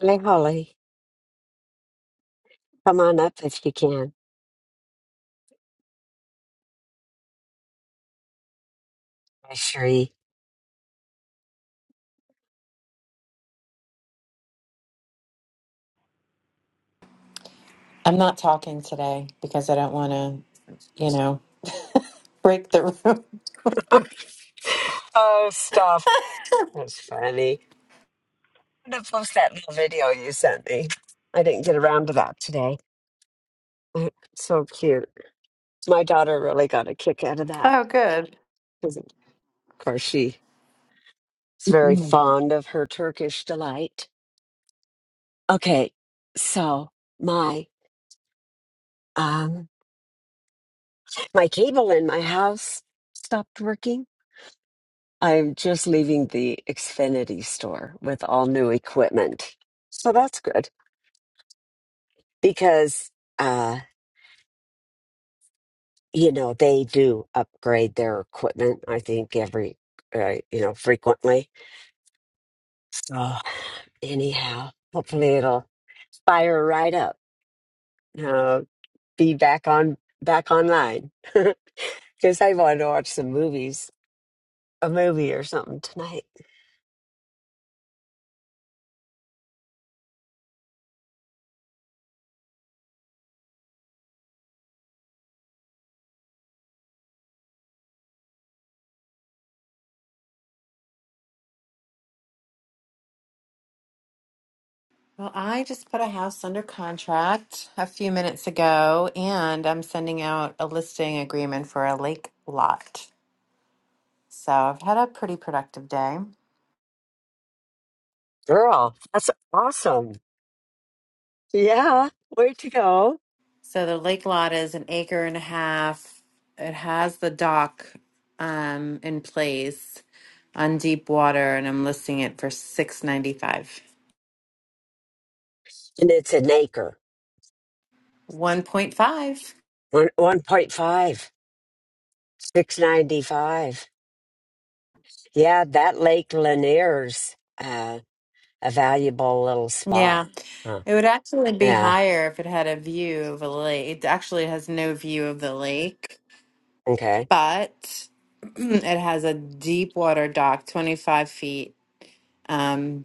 Hey, Holly, come on up if you can. Hi, Sheree. I'm not talking today because I don't want to, you know, break the room. Oh, stuff. That's funny. I'm going to post that little video you sent me. I didn't get around to that today. So cute. My daughter really got a kick out of that. Oh, good. 'cause Of course, she's very Mhm. fond of her Turkish delight. Okay, so my um, my cable in my house stopped working I'm just leaving the Xfinity store with all new equipment. So that's good because, uh, you know, they do upgrade their equipment, I think, every, uh, you know, frequently. So, anyhow, hopefully it'll fire right up. Uh, be back on, back online. Because I want to watch some movies, a movie or something tonight. Well, I just put a house under contract a few minutes ago, and I'm sending out a listing agreement for a lake lot. So I've had a pretty productive day. Girl, that's awesome. Yeah, where'd you go? So the lake lot is an acre and a half. It has the dock um, in place on deep water, and I'm listing it for six ninety five. And it's an acre. One point five. One one point five, six ninety five. Yeah, that Lake Lanier's uh, a valuable little spot. Yeah. Huh. It would actually be Yeah. higher if it had a view of a lake. It actually has no view of the lake, Okay. but it has a deep water dock, 25 feet um,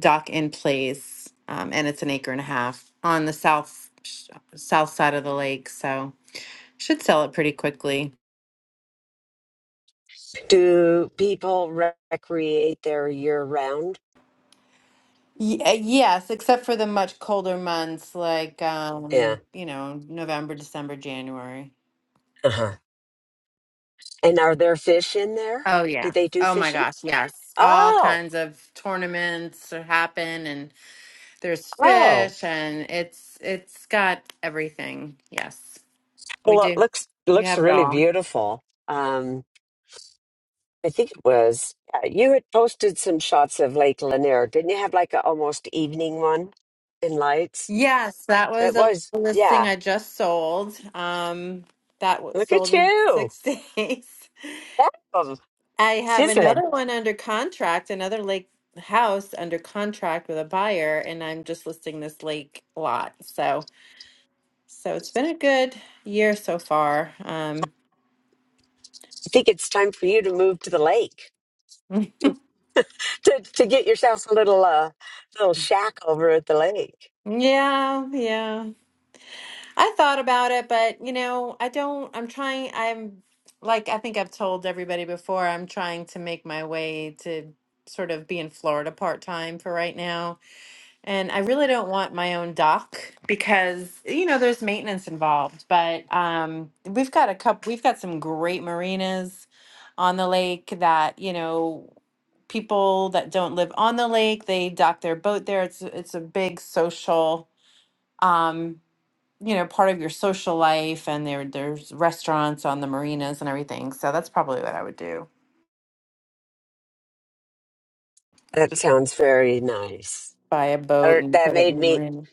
dock in place, um, and it's an acre and a half on the south sh- south side of the lake. So should sell it pretty quickly. Do people recreate there year round? Y- yes, except for the much colder months like Yeah. um, you know November, December, January. Uh huh. And are there fish in there? Oh Do yeah. they do Oh my fishing? gosh, yes. All Oh, kinds of tournaments happen and there's oh. fish and it's it's got everything. Yes. We Well, it do. looks We looks have it really all. beautiful. Um, I think it was. Yeah, you had posted some shots of Lake Lanier. Didn't you have like a almost evening one in lights? Yes, that It was a was, listing yeah. I just sold. Um that was Look at sold in you. 6 days. Damn, I have sizzling. another one under contract, another lake house under contract with a buyer and I'm just listing this lake lot. So So it's been a good year so far. Um, I think it's time for you to move to the lake to, to get yourself a little uh, little shack over at the lake. yeah, yeah. I thought about it, but you know, I don't, I'm trying, I'm like, I think I've told everybody before, I'm trying to make my way to sort of be in Florida part time for right now. And I really don't want my own dock because you know there's maintenance involved. But um, we've got a couple. We've got some great marinas on the lake that you know people that don't live on the lake they dock their boat there. It's it's a big social um, you know part of your social life, and there there's restaurants on the marinas and everything. So that's probably what I would do: That sounds very nice. buy a boat Or and That put it in made the me marina.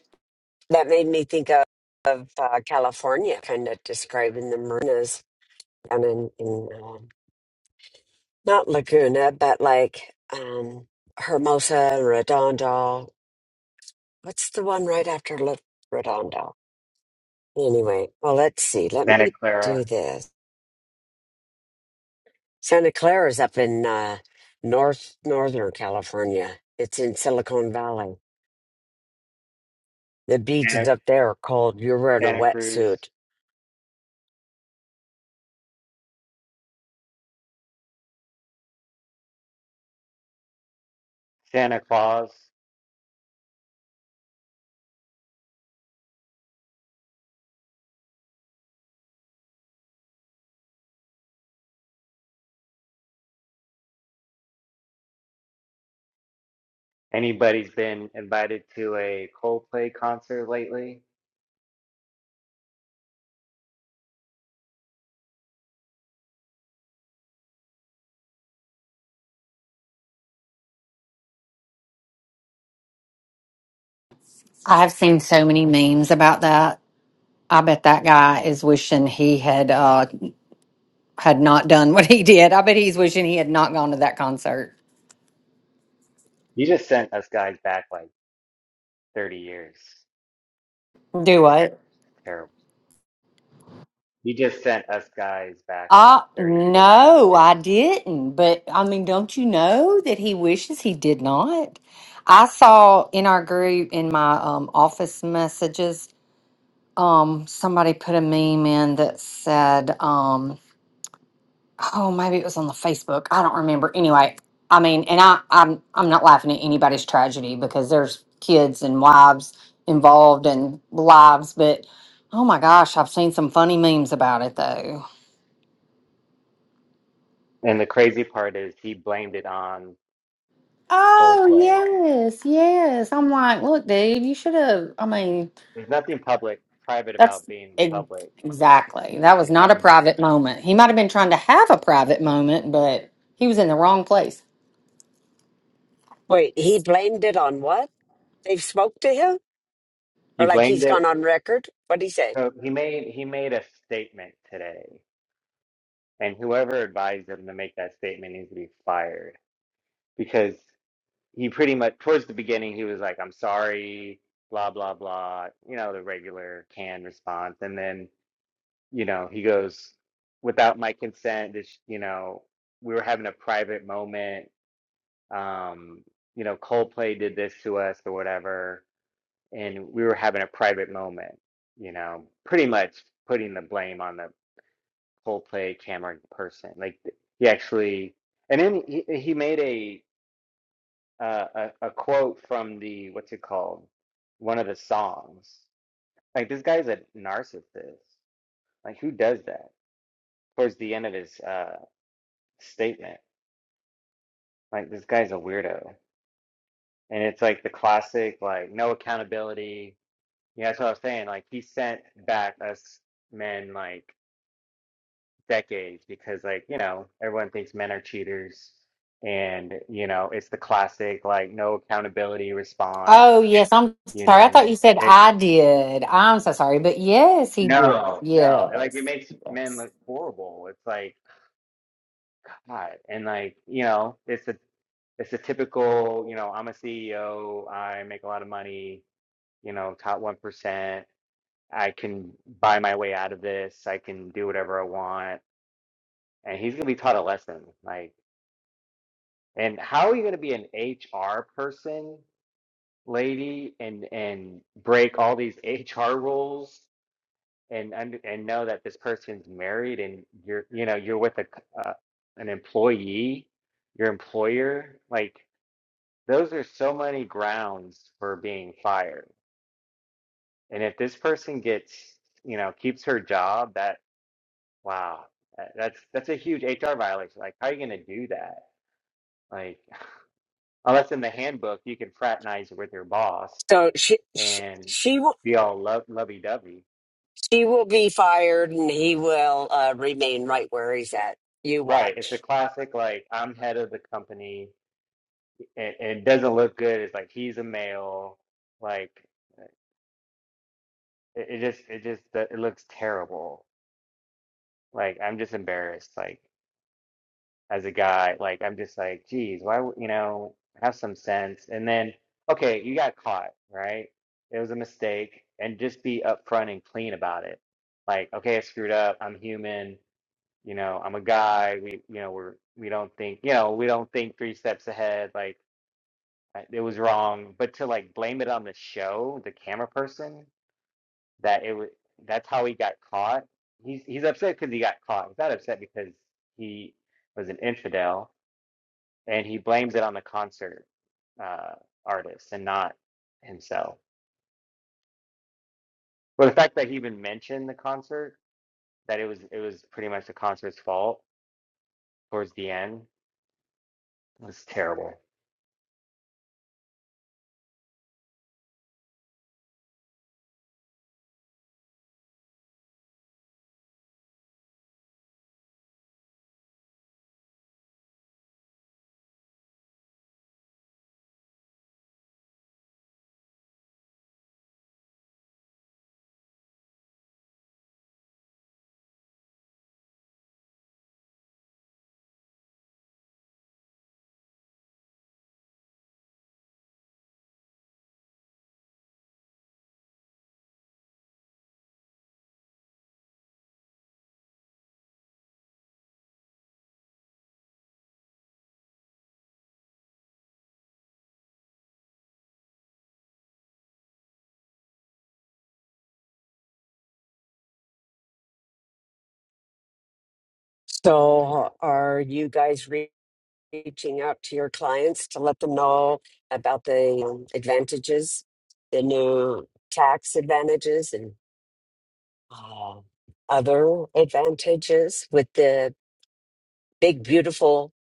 that made me think of, of uh, California, kind of describing the marinas down in, in uh, Not Laguna, but like um Hermosa and Redondo. What's the one right after La- Redondo? Anyway, well, let's see. Let Santa me Clara, do this. Santa Clara is up in uh, North Northern California. It's in Silicon Valley. The beaches Santa, up there are cold. You're wearing a Santa Cruz, wetsuit. Santa Claus. Anybody's been invited to a Coldplay concert lately? I've seen so many memes about that. I bet that guy is wishing he had uh had not done what he did. I bet he's wishing he had not gone to that concert. You just sent us guys back like 30 years. Do what? Terrible. You just sent us guys back Uh about 30, 40 years. no, I didn't. But I mean, don't you know that he wishes he did not? I saw in our group in my um office messages, um, somebody put a meme in that said, um oh maybe it was on the facebook i don't remember anyway i mean and i i'm i'm not laughing at anybody's tragedy because there's kids and wives involved and lives but oh my gosh i've seen some funny memes about it though And the crazy part is he blamed it on oh Coldplay. yes yes i'm like look dude you should have i mean There's nothing public, private about that's being ex- public exactly that was in not front a of private moment he might have been trying to have a private moment but he was in the wrong place Wait, he blamed it on what? They've spoke to him, He or like blamed he's gone it. on record? What'd he say? So he made he made a statement today. And whoever advised him to make that statement needs to be fired. because he pretty much towards the beginning he was like i'm sorry blah blah blah you know the regular canned response and then you know he goes without my consent this you know we were having a private moment um you know coldplay did this to us or whatever and we were having a private moment you know pretty much putting the blame on the coldplay cameron person like he actually and then he, he made a uh, a, a quote from the what's it called one of the songs like this guy's a narcissist like who does that towards the end of his uh statement like this guy's a weirdo and it's like the classic like no accountability yeah that's what i was saying like he sent back us men like decades because like you know everyone thinks men are cheaters and you know it's the classic like no accountability response Oh, yes. I'm you sorry. I thought know you said it's I did. I'm so sorry. But yes, he did. No, no. Like it Yes. makes men Yes. look horrible. It's like, God. And like, you know, it's a it's a typical, you know, I'm a CEO, I make a lot of money, you know, top 1%. I can buy my way out of this. I can do whatever I want. And he's gonna be taught a lesson. Like, and how are you gonna be an HR person, lady, and and break all these HR rules? and und- and know that this person's married and you're you know you're with a c- uh, an employee your employer like those are so many grounds for being fired and if this person gets you know keeps her job that wow that- that's that's a huge HR violation like how are you going to do that like unless in the handbook you can fraternize with your boss So she, she, and she. be all lov lovey-dovey She will be fired and he will uh, remain right where he's at. You Right. it's a watch. classic like I'm head of the company and, and it doesn't look good. It's like he's a male. Like it, it just it just it looks terrible. Like I'm just embarrassed. Like as a guy, like I'm just like, geez, why would- you know have some sense? And then okay, you got caught, right? It was a mistake, and just be upfront and clean about it. Like okay, I screwed up. I'm human. You know, I'm a guy. We you know we're we don't think you know we don't think three steps ahead. Like I- It was wrong, but to like blame it on the show, the camera person, that it was that's how he got caught. He's he's upset because he got caught. He's not upset because he was an infidel, and he blames it on the concert uh, artist and not himself. But the fact that he even mentioned the concert, that it was it was pretty much the concert's fault towards the end, was terrible. So, are you guys re- reaching out to your clients to let them know about the um, advantages, the new tax advantages, and uh, other advantages with the big, beautiful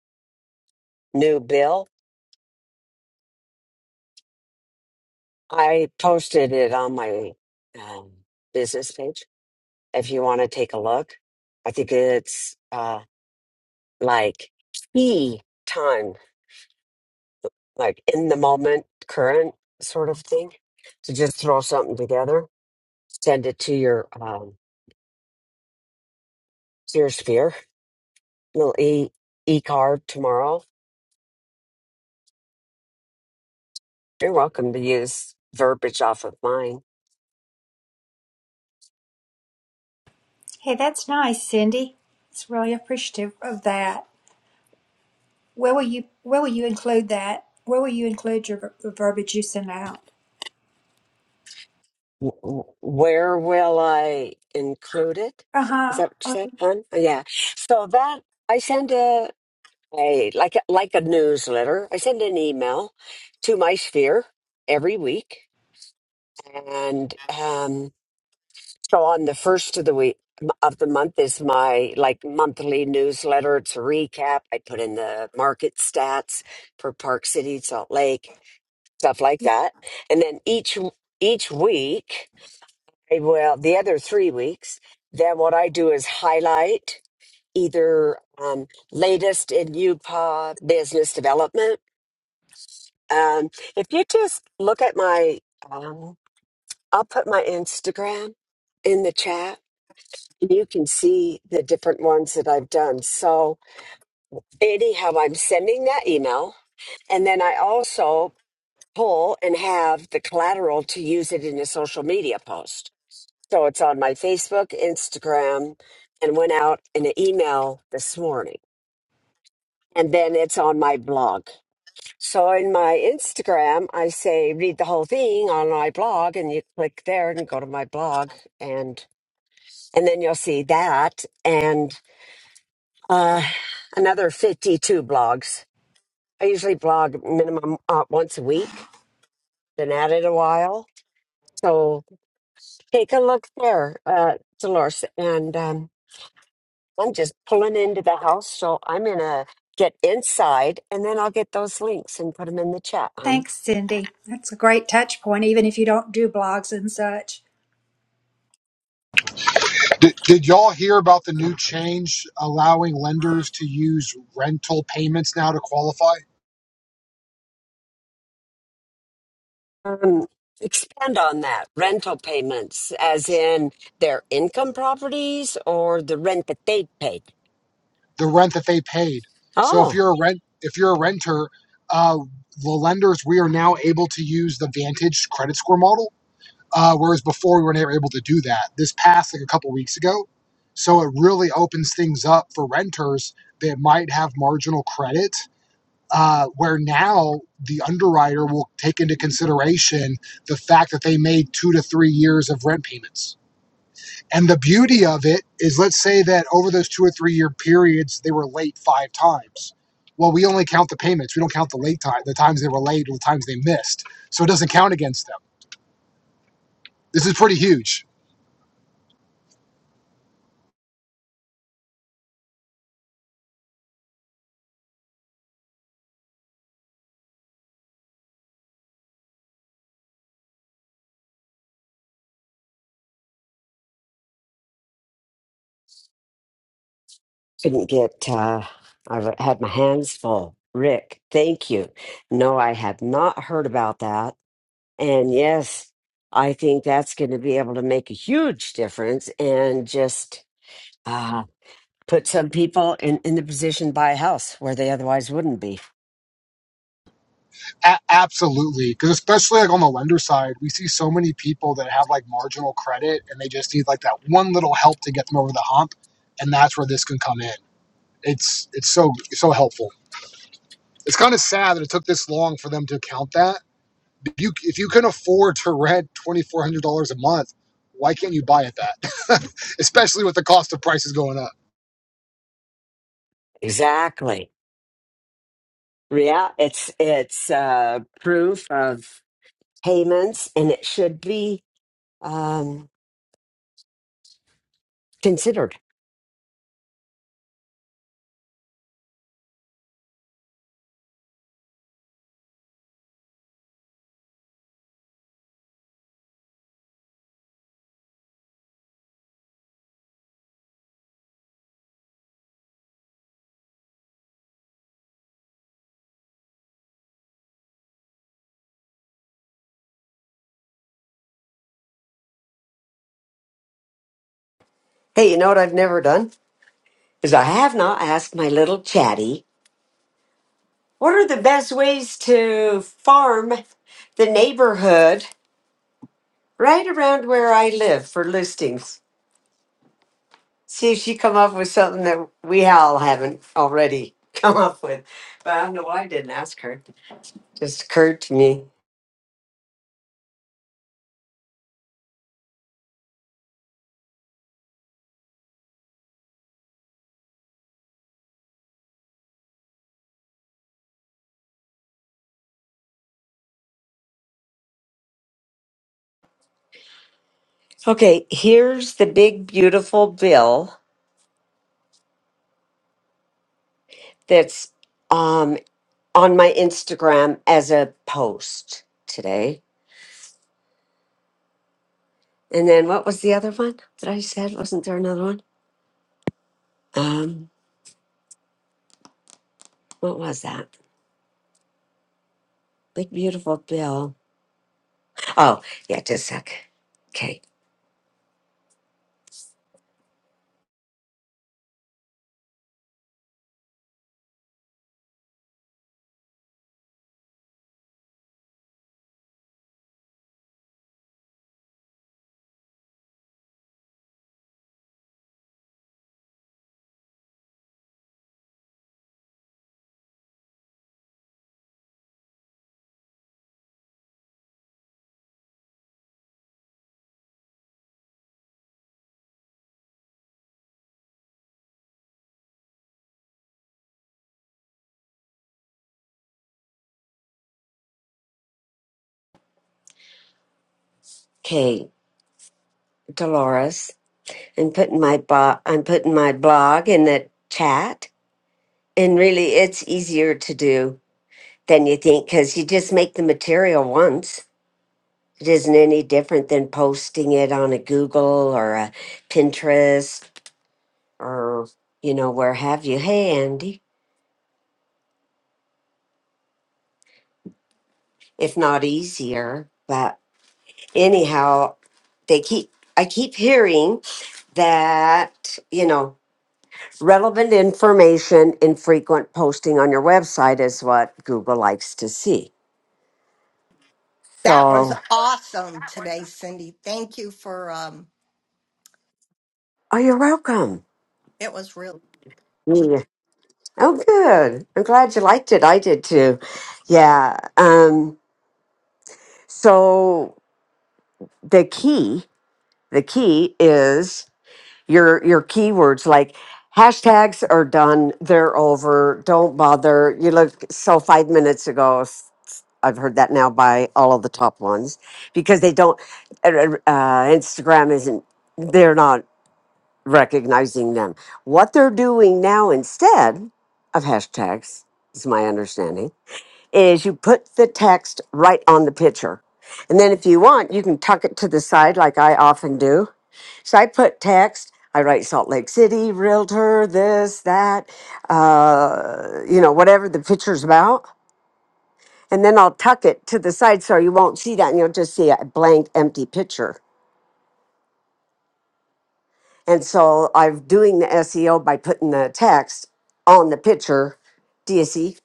new bill? I posted it on my um, business page if you want to take a look. I think it's. uh, like key time, like in the moment, current sort of thing, to just throw something together, send it to your um, to your sphere, little e e card tomorrow. You're welcome to use verbiage off of mine. Hey, that's nice, Cindy. It's really appreciative of that. Where will you where will you include that? Where will you include your ver- the verbiage you send out? W- w- Where will I include it? Is Uh-huh. that what you said, hon? Oh, Yeah. So that I send a, a like a, like a newsletter. I send an email to my sphere every week and um, so on the first of the week of the month is my like monthly newsletter it's a recap i put in the market stats for park city salt lake stuff like Yeah. that and then each each week eh, well the other three weeks then what i do is highlight either um, latest in upa business development um, if you just look at my um, i'll put my instagram in the chat And you can see the different ones that I've done. So, anyhow, I'm sending that email. And then I also pull and have the collateral to use it in a social media post. So, it's on my Facebook, Instagram, and went out in an email this morning. And then it's on my blog. So, in my Instagram, I say read the whole thing on my blog, and you click there and go to my blog, and and then you'll see that. And uh, another 52 blogs. I usually blog minimum uh, once a week, been at it a while. So take a look there, uh, Dolores. And um, I'm just pulling into the house. So I'm going to get inside and then I'll get those links and put them in the chat. Um, Thanks, Cindy. That's a great touch point, even if you don't do blogs and such. Did, did y'all hear about the new change allowing lenders to use rental payments now to qualify um, expand on that rental payments, as in their income properties or the rent that they paid. the rent that they paid? So Oh, if you're a rent if you're a renter, uh, the lenders we are now able to use the Vantage credit score model, uh, whereas before we were never able to do that. This passed like a couple weeks ago, so it really opens things up for renters that might have marginal credit uh, where now the underwriter will take into consideration the fact that they made two to three years of rent payments. And the beauty of it is, let's say that over those two or three year periods, they were late five times. Well, we only count the payments. We don't count the late time, the times they were late or the times they missed. So it doesn't count against them. This is pretty huge. couldn't get uh i had my hands full rick thank you no i had not heard about that and yes i think that's going to be able to make a huge difference and just uh put some people in in the position to buy a house where they otherwise wouldn't be A- absolutely. Because especially like on the lender side, we see so many people that have like marginal credit and they just need like that one little help to get them over the hump. And that's where this can come in. it's it's so so helpful. It's kind of sad that it took this long for them to count that. If you if you can afford to rent twenty four hundred dollars a month, why can't you buy it that? Especially with the cost of prices going up. exactly yeah it's it's uh proof of payments and it should be um considered hey you know what i've never done is i have not asked my little chatty What are the best ways to farm the neighborhood right around where I live for listings? See if she come up with something that we all haven't already come up with. But I don't know why I didn't ask her. Just occurred to me. Okay, here's the big beautiful bill that's um on my Instagram as a post today. And then what was the other one that I said? Wasn't there another one? Um, what was that? Big beautiful bill. Oh, yeah, just a sec. Okay, okay, Dolores, I'm putting my bo- I'm putting my blog in the chat, and really, it's easier to do than you think because you just make the material once. It isn't any different than posting it on a Google or a Pinterest or you know where have you. Hey, Andy, if not easier, but anyhow, they keep I keep hearing that you know Relevant information and frequent posting on your website is what Google likes to see. That was So, awesome today, Cindy. Thank you for um oh, you're welcome. it was real. Yeah. Oh, good. I'm glad you liked it. I did too. Yeah. Um, so the key, the key is your your keywords like hashtags are done they're over don't bother you look so five minutes ago s- s- i've heard that now by all of the top ones because they don't uh, uh, uh, instagram isn't they're not recognizing them what they're doing now instead of hashtags is my understanding is you put the text right on the picture and then if you want you can tuck it to the side like i often do so I put text. I write Salt Lake City, realtor, this, that, uh, you know, whatever the picture's about. And then I'll tuck it to the side so you won't see that and you'll just see a blank, empty picture. And so I'm doing the SEO by putting the text on the picture. Do you see?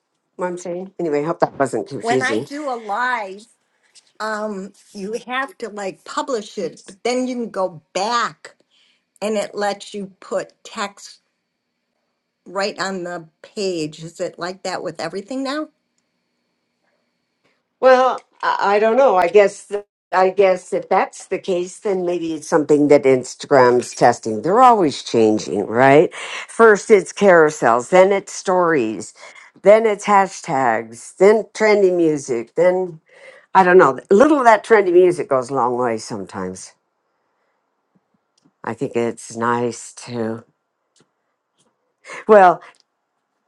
Anyway, I hope that wasn't When I confusing. do a live, um you have to like publish it, but then you can go back and it lets you put text right on the page. Is it like that with everything now? Well, I, I don't know. I guess I guess if that's the case, then maybe it's something that Instagram's testing. They're always changing, right? First it's carousels, then it's stories, then it's hashtags, then trendy music, then I don't know. A little of that trendy music goes a long way sometimes. I think it's nice to well,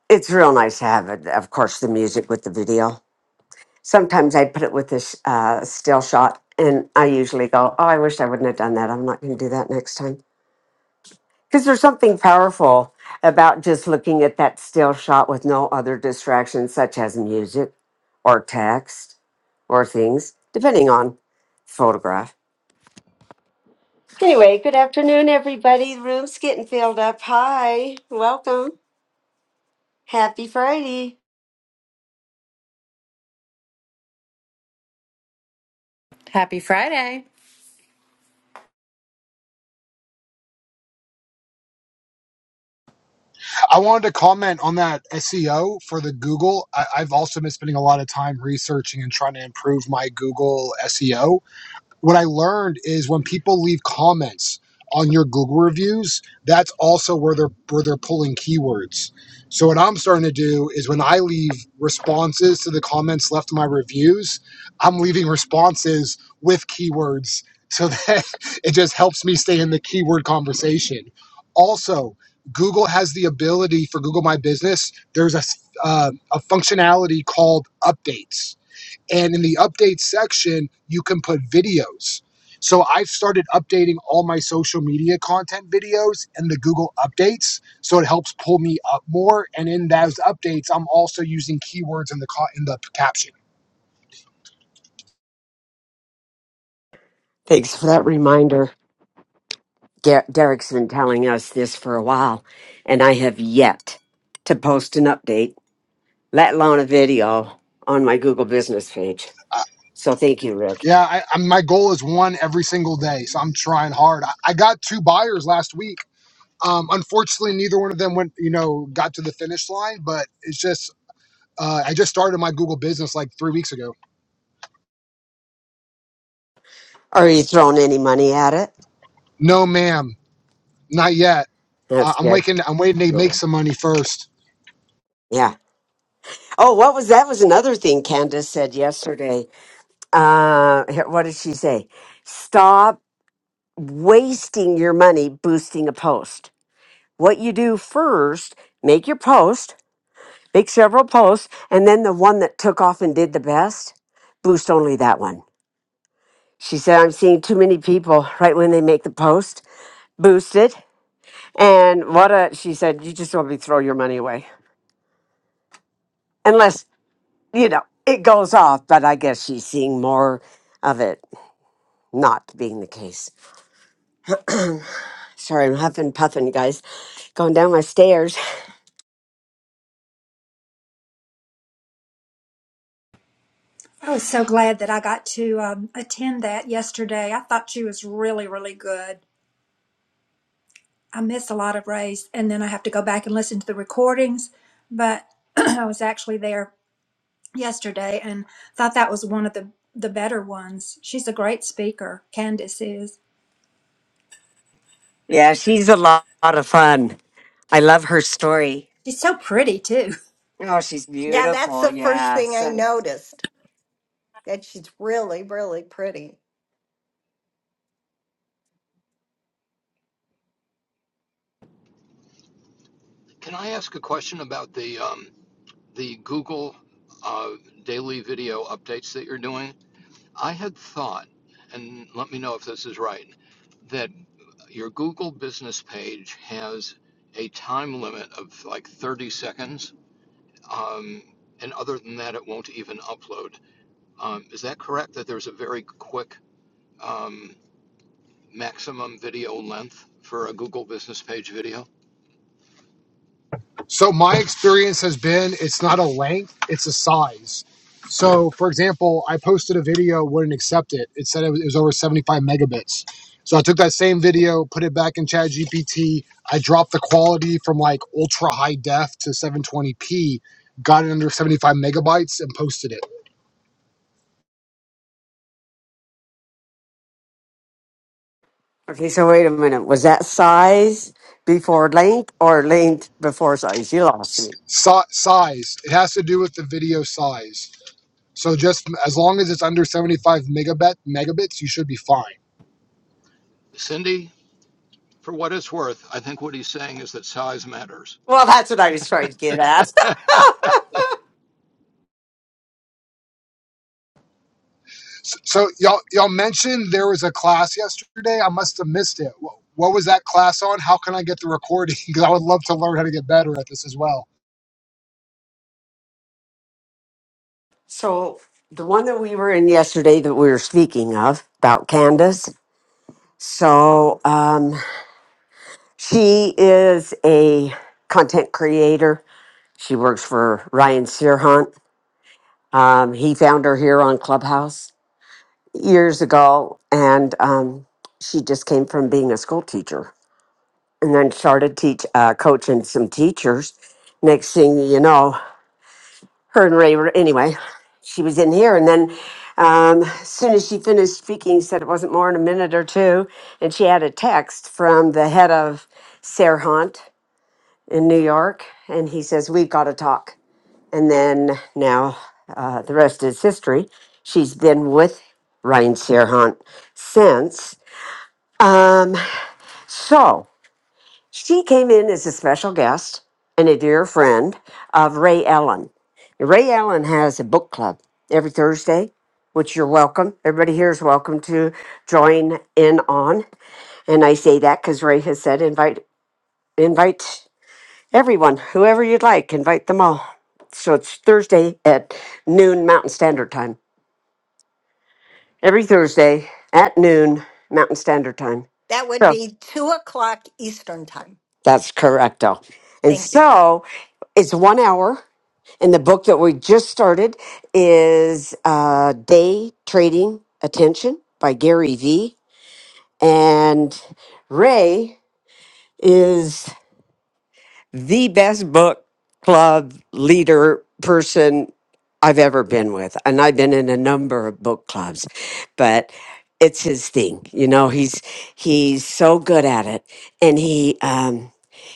it's real nice to have it, of course, the music with the video. sometimes I put it with this uh, still shot, and I usually go, "Oh, I wish I wouldn't have done that. I'm not going to do that next time." Because there's something powerful about just looking at that still shot with no other distractions, such as music, or text, or things, depending on photograph. Anyway, good afternoon, everybody. room's getting filled up. Hi, welcome. Happy Friday. Happy Friday! I wanted to comment on that SEO for the Google. I, I've also been spending a lot of time researching and trying to improve my Google SEO what I learned is when people leave comments on your Google reviews, that's also where they're where they're pulling keywords. So what I'm starting to do is when I leave responses to the comments left in my reviews, I'm leaving responses with keywords so that it just helps me stay in the keyword conversation. Also, Google has the ability for Google My Business. There's a s- uh, a functionality called updates and in the update section, you can put videos. So I've started updating all my social media content videos in the Google updates. So it helps pull me up more. And in those updates, I'm also using keywords in the co- in the caption. Thanks for that reminder. Der- Derek's been telling us this for a while, and I have yet to post an update, let alone a video, on my Google business page. Uh, So thank you, Rick. yeah, I, I, my goal is one every single day. So I'm trying hard. I, I got two buyers last week. Um, unfortunately, neither one of them went, you know, got to the finish line. But it's just, uh, I just started my Google business like three weeks ago. Are you throwing any money at it? No, ma'am, not yet. That's I- I'm good. waiting. I'm waiting to make Mhm. some money first. Yeah. Oh, what was that? Was another thing Candace said yesterday. Uh, here- what did she say? Stop wasting your money boosting a post. What you do first, make your post Make several posts, and then the one that took off and did the best, boost only that one. She said, I'm seeing too many people right when they make the post, boost it. And what a, she said, you just want me to throw your money away. Unless, you know, it goes off, but I guess she's seeing more of it not being the case. Sorry, I'm huffing, puffing, guys, going down my stairs. I was so glad that I got to um, attend that yesterday. I thought she was really, really good. I miss a lot of Ray's, and then I have to go back and listen to the recordings, but I was actually there yesterday and thought that was one of the the better ones. She's a great speaker. Candace is. Yeah, she's a lot, lot of fun. I love her story. She's so pretty too. Oh, she's Yeah, that's beautiful. the first Yeah. thing I noticed. That she's really, really pretty. Can I ask a question about the um, the Google uh, daily video updates that you're doing? I had thought, and let me know if this is right, that your Google business page has a time limit of like 30 seconds, um, and other than that, it won't even upload. Um, is that correct? That there's a very quick um, maximum video length for a Google business page video? So my experience has been it's not a length, it's a size. So for example, I posted a video, wouldn't accept it. It said it was, it was over 75 megabits. So I took that same video, put it back in Chat GPT. I dropped the quality from like ultra high def to 720p, got it under 75 megabytes, and posted it. Okay, so wait a minute. Was that size before length or length before size? You lost me. Si- size. It has to do with the video size. So just as long as it's under 75 megabit megabits, you should be fine. Cindy, For what it's worth, I think what he's saying is that size matters. Well, that's what I was trying to get at. So y'all y'all mentioned there was a class yesterday. I must have missed it. What, what was that class on? How can I get the recording? Because I would love to learn how to get better at this as well. so the one that we were in yesterday that we were speaking of about Candace. So um, she is a content creator. She works for Ryan Searhunt. Um, he found her here on Clubhouse years ago, and um, she just came from being a school teacher and then started teach uh, coaching some teachers. Next thing you know, her and Ray were anyway. She was in here, and then um, as soon as she finished speaking, said it wasn't more than a minute or two, and she had a text from the head of Serhant in New York, and he says we've got to talk. And then now uh, the rest is history. She's been with Ryan Serhant since. Um, so She came in as a special guest and a dear friend of Ray Allen. Ray Allen has a book club every Thursday, which you're welcome. Everybody here is welcome to join in on. And I say that because Ray has said invite invite everyone, whoever you'd like, invite them all. So it's Thursday at noon Mountain Standard Time. Every Thursday at noon Mountain Standard Time. That would So be two o'clock Eastern time. that's correcto. And Thank you. so it's one hour And the book that we just started is uh, Day Trading Attention by Gary Vee. And Ray is the best book club leader person I've ever been with. And I've been in a number of book clubs, but it's his thing. You know, he's he's so good at it. And he um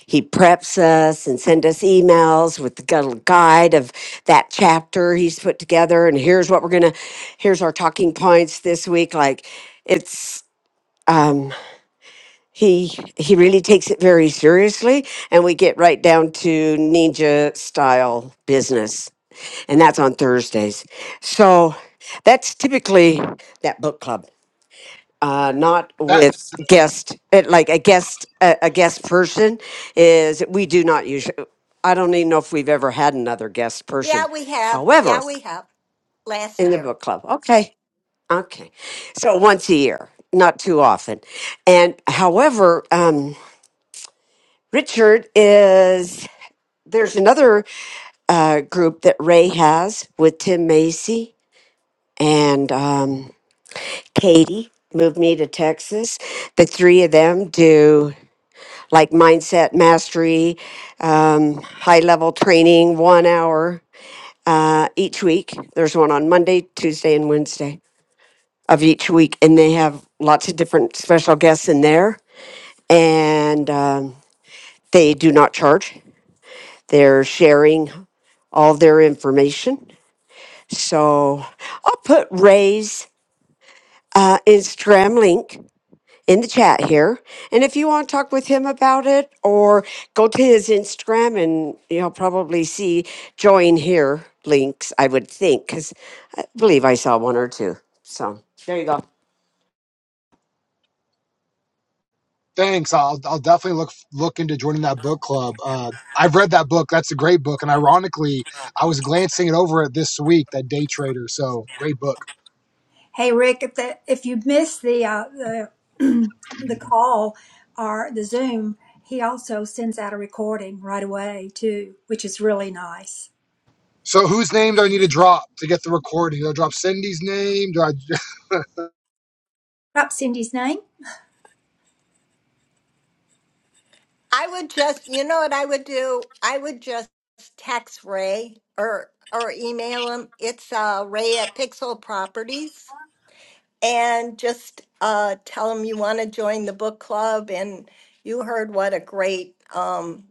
he preps us and send us emails with the gu- guide of that chapter he's put together and here's what we're gonna here's our talking points this week. Like it's um, he he really takes it very seriously and we get right down to ninja style business and that's on thursdays so that's typically that book club uh, not That with guest eh, like a guest a, a guest person is we do not usually i don't even know if we've ever had another guest Yeah, person we have. however Yeah, we have. Last in the year. book club okay okay so once a year not too often and however Um, Richard is there's another uh, group that Ray has with Tim Macy and um, Katie moved me to Texas. The three of them do like mindset mastery, um, high level training, one hour uh, each week. There's one on Monday, Tuesday, and Wednesday of each week, and they have lots of different special guests in there. And um, they do not charge. They're sharing all their information. So I'll put Ray's uh, Instagram link in the chat here. And if you want to talk with him about it or go to his Instagram and you'll probably see join here links, I would think, because I believe I saw one or two. So there you go. thanks. I'll I'll definitely look look into joining that book club. Uh, I've read that book. That's a great book. And ironically, I was glancing it over it this week. That Day Trader. So great book. Hey Rick, if the, if you missed the uh, the the call or the Zoom, he also sends out a recording right away too, which is really nice. So whose name do I need to drop to get the recording? Do I drop Cindy's name? Do I? Drop Cindy's name I would just, you know what I would do? I would just text Ray or or email him. It's uh, Ray at Pixel Properties, and just uh, tell him you want to join the book club. And you heard what a great um,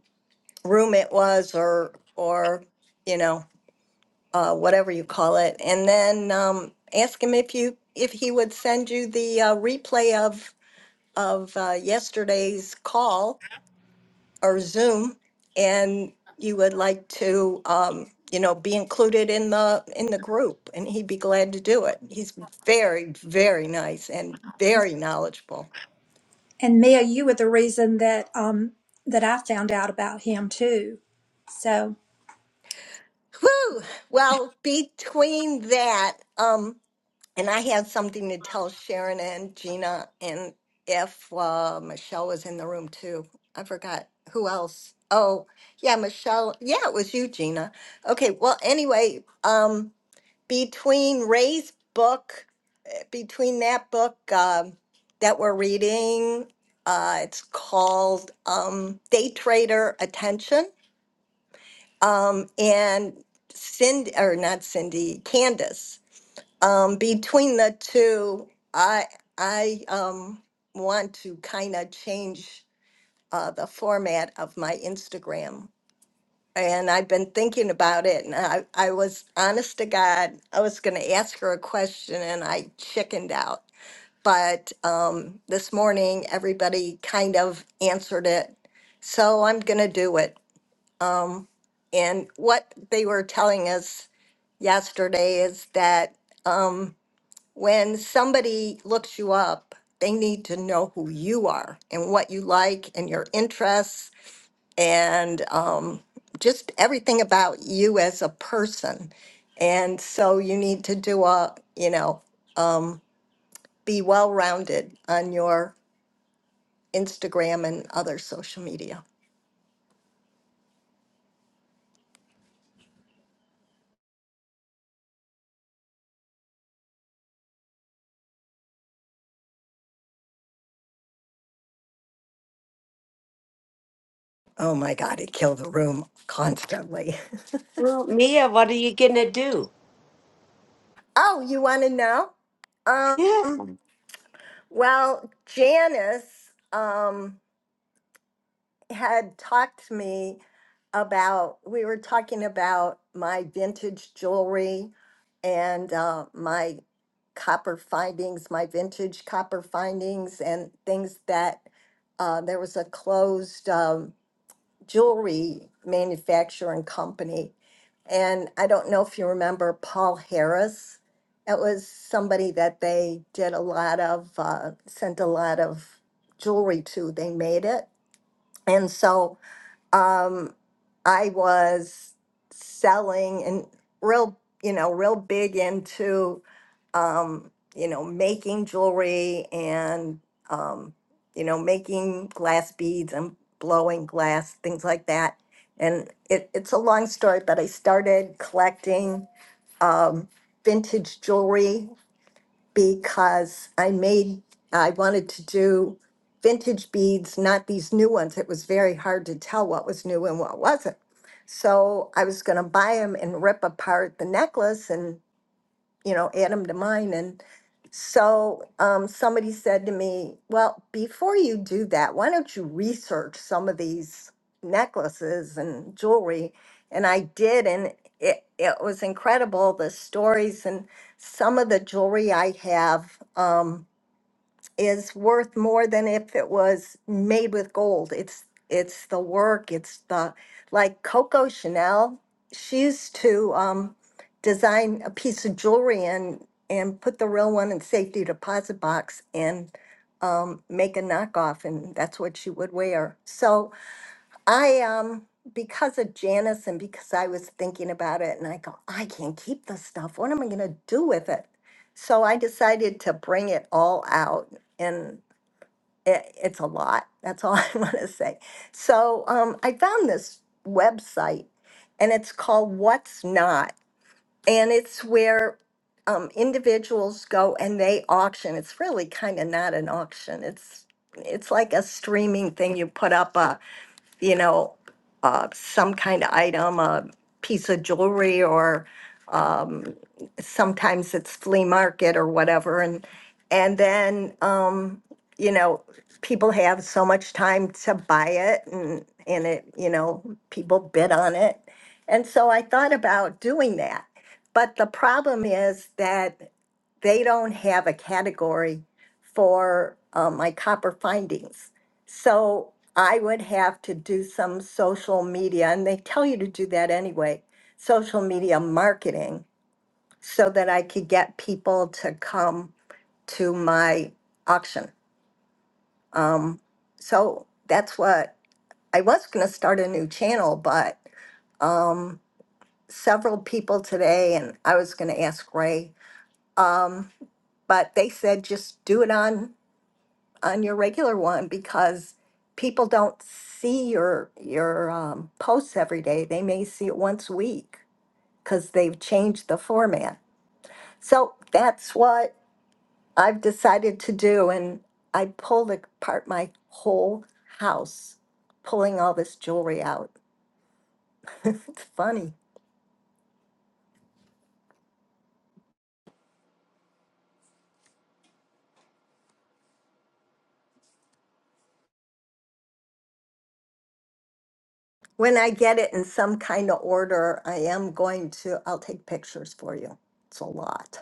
room it was, or or you know uh, whatever you call it. And then um, ask him if you if he would send you the uh, replay of of uh, yesterday's call or Zoom, and you would like to, um, you know, be included in the, in the group, and he'd be glad to do it. He's very, very nice and very knowledgeable. and Mia. You were the reason that um that I found out about him too. So Whew! Well, between that, um, and I had something to tell Sharon and Gina, and if uh, Michelle was in the room too. I forgot who else. Oh, yeah, Michelle. Yeah, it was you, Gina. Okay, well, anyway, um, between Ray's book, between that book um, that we're reading, uh, it's called um, Day Trader Attention, um, and Cindy, or not Cindy, Candace. Um, between the two, I I um, want to kind of change uh, the format of my Instagram and I've been thinking about it. And I, I was honest to God, I was going to ask her a question and I chickened out. But um, this morning, everybody kind of answered it. So I'm going to do it. Um, and what they were telling us yesterday is that um, when somebody looks you up, they need to know who you are and what you like and your interests and um, just everything about you as a person. And so you need to do a, you know, um, be well rounded on your Instagram and other social media. Oh my God, it killed the room constantly. Well, Mia, what are you going to do? Oh, you want to know? Yeah. Um, well, Janice. Um, had talked to me about, we were talking about my vintage jewelry and uh, my copper findings, my vintage copper findings, and things that uh, there was a closed um, jewelry manufacturing company. And I don't know if you remember Paul Harris. It was somebody that they did a lot of, uh, sent a lot of jewelry to. They made it. And so um, I was selling and real, you know, real big into, um, you know, making jewelry and, um, you know, making glass beads and blowing glass, things like that. And it, it's a long story, but I started collecting um, vintage jewelry because I made, I wanted to do vintage beads, not these new ones. It was very hard to tell what was new and what wasn't. So I was going to buy them and rip apart the necklace. and you know, add them to mine. And so um, somebody said to me, well, before you do that, why don't you research some of these necklaces and jewelry? And I did, and it, it was incredible the stories and some of the jewelry I have. Um, is worth more than if it was made with gold. It's it's the work. It's the like Coco Chanel. She used to um, design a piece of jewelry and and put the real one in safety deposit box and um, make a knockoff, and that's what she would wear. So I um because of Janice and because I was thinking about it and I go, I can't keep this stuff. What am I gonna do with it? So I decided to bring it all out and it, it's a lot. That's all I want to say. So um, I found this website and it's called What's Not. And it's where um, individuals go and they auction. It's really kind of not an auction. It's it's like a streaming thing. You put up a you know, uh, some kind of item, a piece of jewelry, or um, sometimes it's flea market or whatever, and and then um, you know, people have so much time to buy it, and and it, you know, people bid on it, and so I thought about doing that, but the problem is that they don't have a category for uh, my copper findings. So I would have to do some social media, and they tell you to do that anyway social media marketing so that I could get people to come to my auction. Um, so that's what I was going to start a new channel, but um, several people today, and I was going to ask Ray, um, but they said just do it on on your regular one because people don't see your your um, posts every day. They may see it once a week because they've changed the format. So that's what I've decided to do, and I pulled apart my whole house, pulling all this jewelry out. it's funny. When I get it in some kind of order, I am going to. I'll take pictures for you. It's a lot.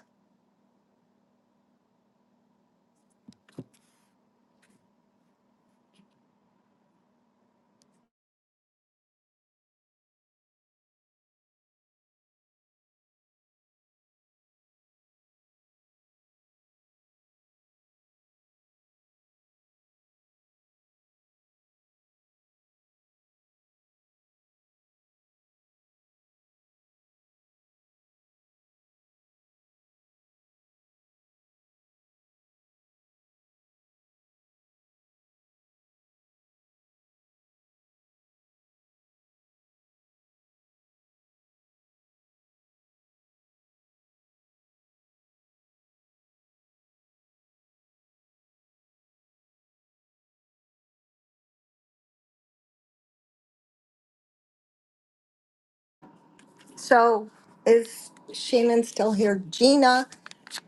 So is Shannon still here? Gina,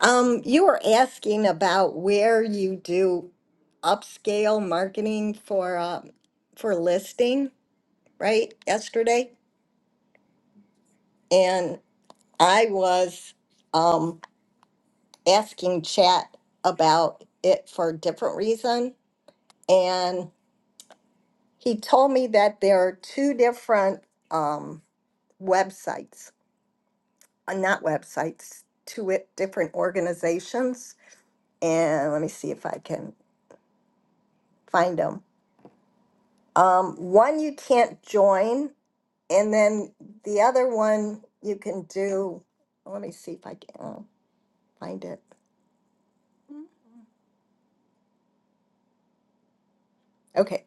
um, you were asking about where you do upscale marketing for um, for listing, right? Yesterday, and I was um, asking Chat about it for a different reason, and he told me that there are two different um, websites, uh, not websites, two i- different organizations and let me see if I can find them. Um, one you can't join, and then the other one you can do. Let me see if I can uh, find it. Okay.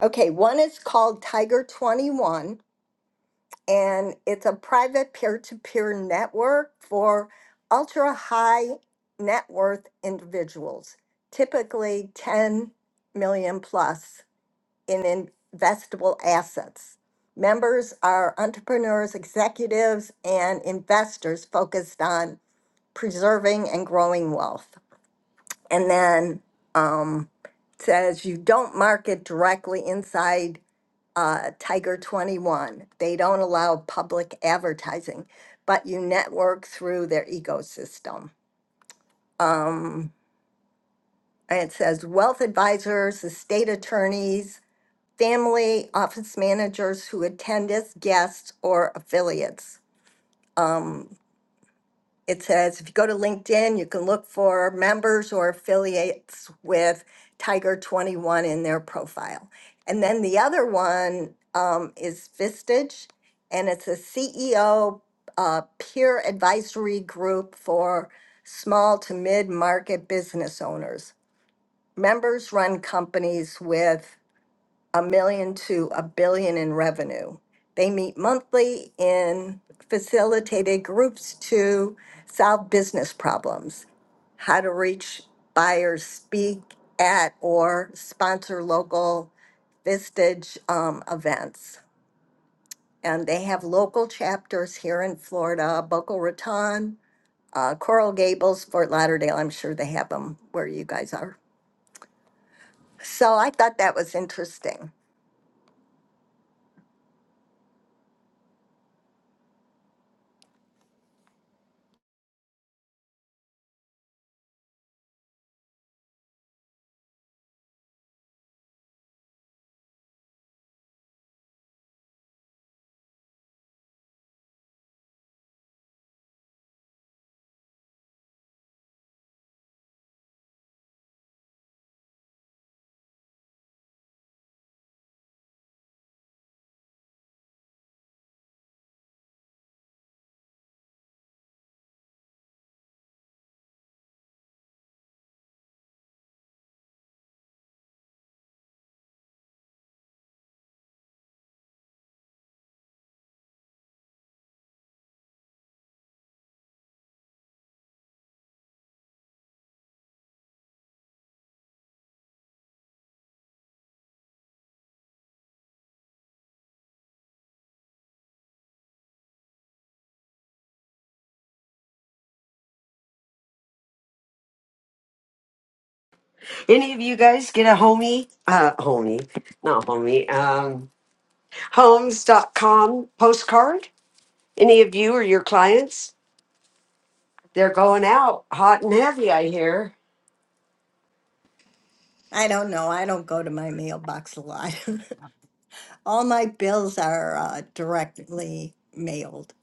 Okay. One is called Tiger 21, and it's a private peer to peer network for ultra high net worth individuals, typically 10 million plus. in investable assets. Members are entrepreneurs, executives, and investors focused on preserving and growing wealth. And then um, it says you don't market directly inside uh, Tiger 21. They don't allow public advertising, but you network through their ecosystem. Um, and it says wealth advisors, estate attorneys, family, office managers who attend as guests or affiliates. Um, It says, if you go to LinkedIn, you can look for members or affiliates with Tiger 21 in their profile. And then the other one um, is Vistage, and it's a CEO uh, peer advisory group for small to mid-market business owners. Members run companies with a million to a billion in revenue. They meet monthly in facilitated groups to solve business problems, how to reach buyers, speak at or sponsor local Vistage um, events. And they have local chapters here in Florida, Boca Raton, uh, Coral Gables, Fort Lauderdale. I'm sure they have them where you guys are. So I thought that was interesting. Any of you guys get a homie? Uh, homie, not homie. Um. Homes dot com postcard? Any of you or your clients? They're going out hot and heavy, I hear. I don't know. I don't go to my mailbox a lot. All my bills are uh, directly mailed.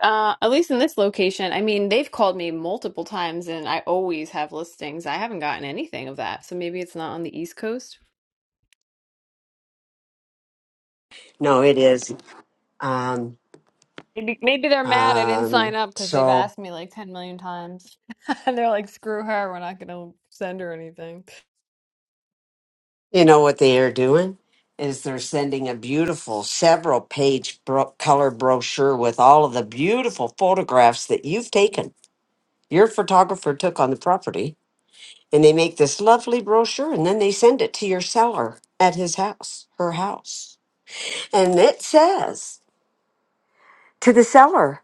Uh, at least in this location, I mean, they've called me multiple times and I always have listings. I haven't gotten anything of that. So maybe it's not on the East Coast. No, it is. Um, Maybe maybe they're mad I didn't sign um, up because they've so, asked me like 10 million times. And they're like, screw her, we're not gonna send her anything. you know what they are doing? Is they're sending a beautiful several page bro- color brochure with all of the beautiful photographs that you've taken. Your photographer took on the property, and they make this lovely brochure and then they send it to your seller at his house, her house. And it says to the seller,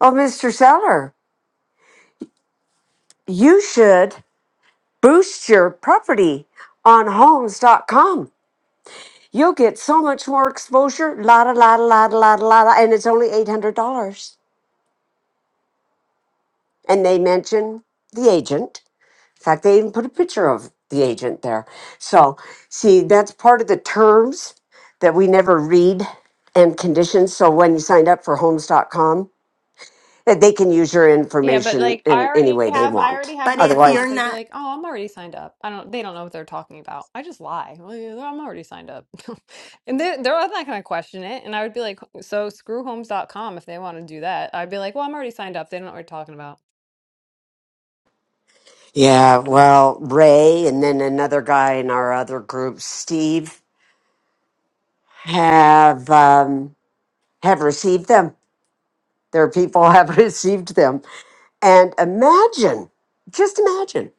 Well, Mr. Seller, you should boost your property on homes.com. You'll get so much more exposure, la da la da la da la da la da, and it's only $800. And they mention the agent. In fact, they even put a picture of the agent there. So, see, that's part of the terms that we never read and conditions. So, when you signed up for homes.com, that they can use your Yeah, but information like I in any already way they have I already want. have But my if Otherwise, you're response. I'd be not, like, "Oh, I'm already signed up." I don't they don't know what they're talking about. I just lie. Well, yeah, I'm already signed up. And they they're not going to question it. And I would be like, "So screwhomes.com if they want to do that." I'd be like, "Well, I'm already signed up. They don't know what you're talking about." Yeah, well, Ray and then another guy in our other group, Steve, have um, have received them. Their people have received them. And imagine, just imagine,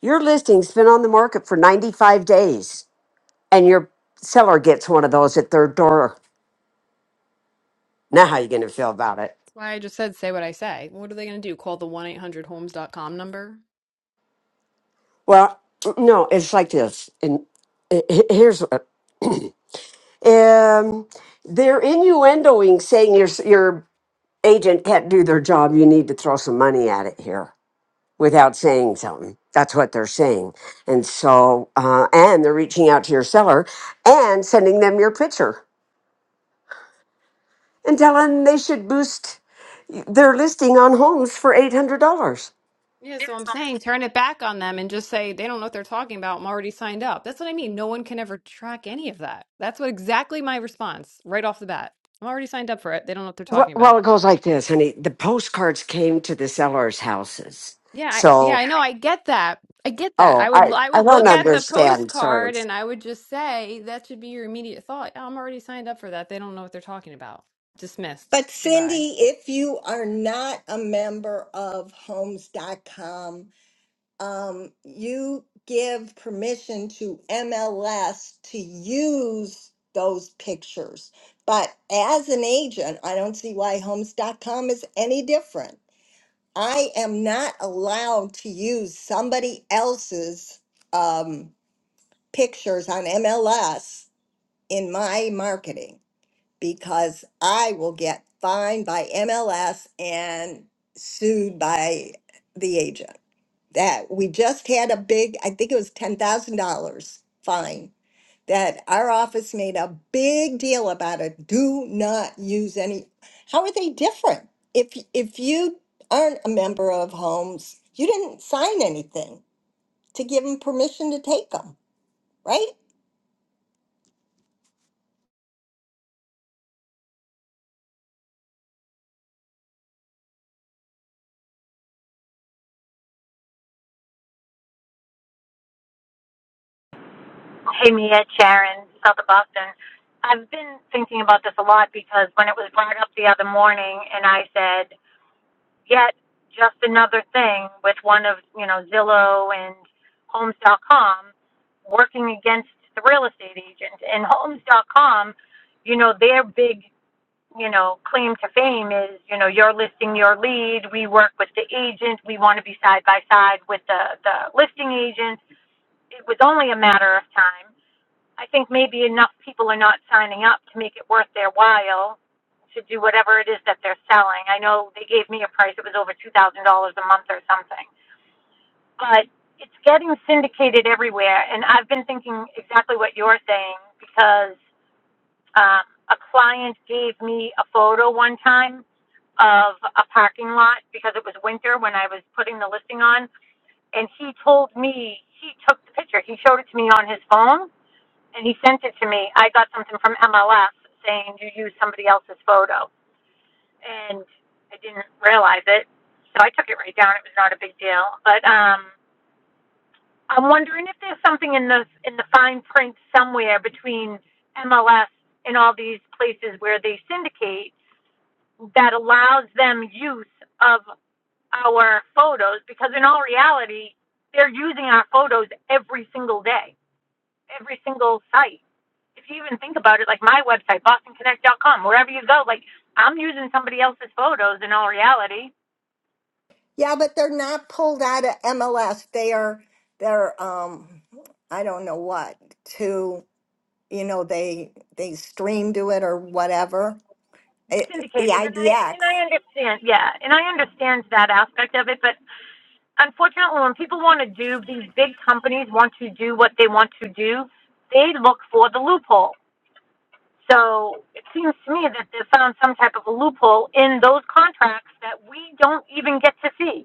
your listing's been on the market for 95 days and your seller gets one of those at their door. Now how you going to feel about it? That's why I just said say what I say. What are they going to do? Call the 1-800-homes.com number? Well, no, it's like this. And he- he- here's what um, they're innuendoing saying your your agent can't do their job, you need to throw some money at it here without saying something. That's what they're saying. And so, uh, and they're reaching out to your seller and sending them your picture and telling them they should boost their listing on homes for $800. Yeah, so I'm saying turn it back on them and just say they don't know what they're talking about. I'm already signed up. That's what I mean. No one can ever track any of that. That's what exactly my response right off the bat. I'm already signed up for it. They don't know what they're talking Well, about. it goes like this, honey. The postcards came to the seller's houses. Yeah, I, So, yeah, Yeah. I know. I get that. I get that. oh, I would I, I I would don't look at the understand. Sorry. postcard and I would just say that should be your immediate thought. "Oh, I'm already signed up for that. They don't know what they're talking about. Dismissed. but Goodbye. Cindy, if you are not a member of Homes dot com, um, you give permission to MLS to use those pictures. But as an agent, I don't see why Homes dot com is any different. I am not allowed to use somebody else's um, pictures on MLS in my marketing because I will get fined by MLS and sued by the agent. That we just had a big, I think it was $10,000 fine that our office made a big deal about it. Do not use any. How are they different? If if you aren't a member of Homes, you didn't sign anything to give them permission to take them, right? Hey, Mia, it's Sharon, south of Boston. I've been thinking about this a lot because when it was brought up the other morning, and I said, yet just another thing with one of, you know, Zillow and Homes dot com working against the real estate agent. And Homes dot com, you know, their big, you know, claim to fame is, you know, you're listing your lead. We work with the agent. We want to be side by side with the, the listing agent. It was only a matter of time I think maybe enough people are not signing up to make it worth their while to do whatever it is that they're selling. I know they gave me a price, it was over $2,000 a month or something. But it's getting syndicated everywhere. And I've been thinking exactly what you're saying because um, a client gave me a photo one time of a parking lot because it was winter when I was putting the listing on. And he told me he took the picture, he showed it to me on his phone and he sent it to me. I got something from MLS saying you used somebody else's photo, and I didn't realize it, so I took it right down. It was not a big deal, but um, I'm wondering if there's something in the in the fine print somewhere between MLS and all these places where they syndicate that allows them use of our photos because in all reality they're using our photos every single day every single site. If you even think about it, like my website, bostonconnect.com, wherever you go, like I'm using somebody else's photos in all reality. Yeah, but they're not pulled out of MLS. They are they're um I don't know what to you know they they stream to it or whatever. It's It, the syndicated and I and IDX. I understand yeah, and I understand that aspect of it, but unfortunately when people want to do these big companies want to do what they want to do, they look for the loophole. So it seems to me that they found some type of a loophole in those contracts that we don't even get to see.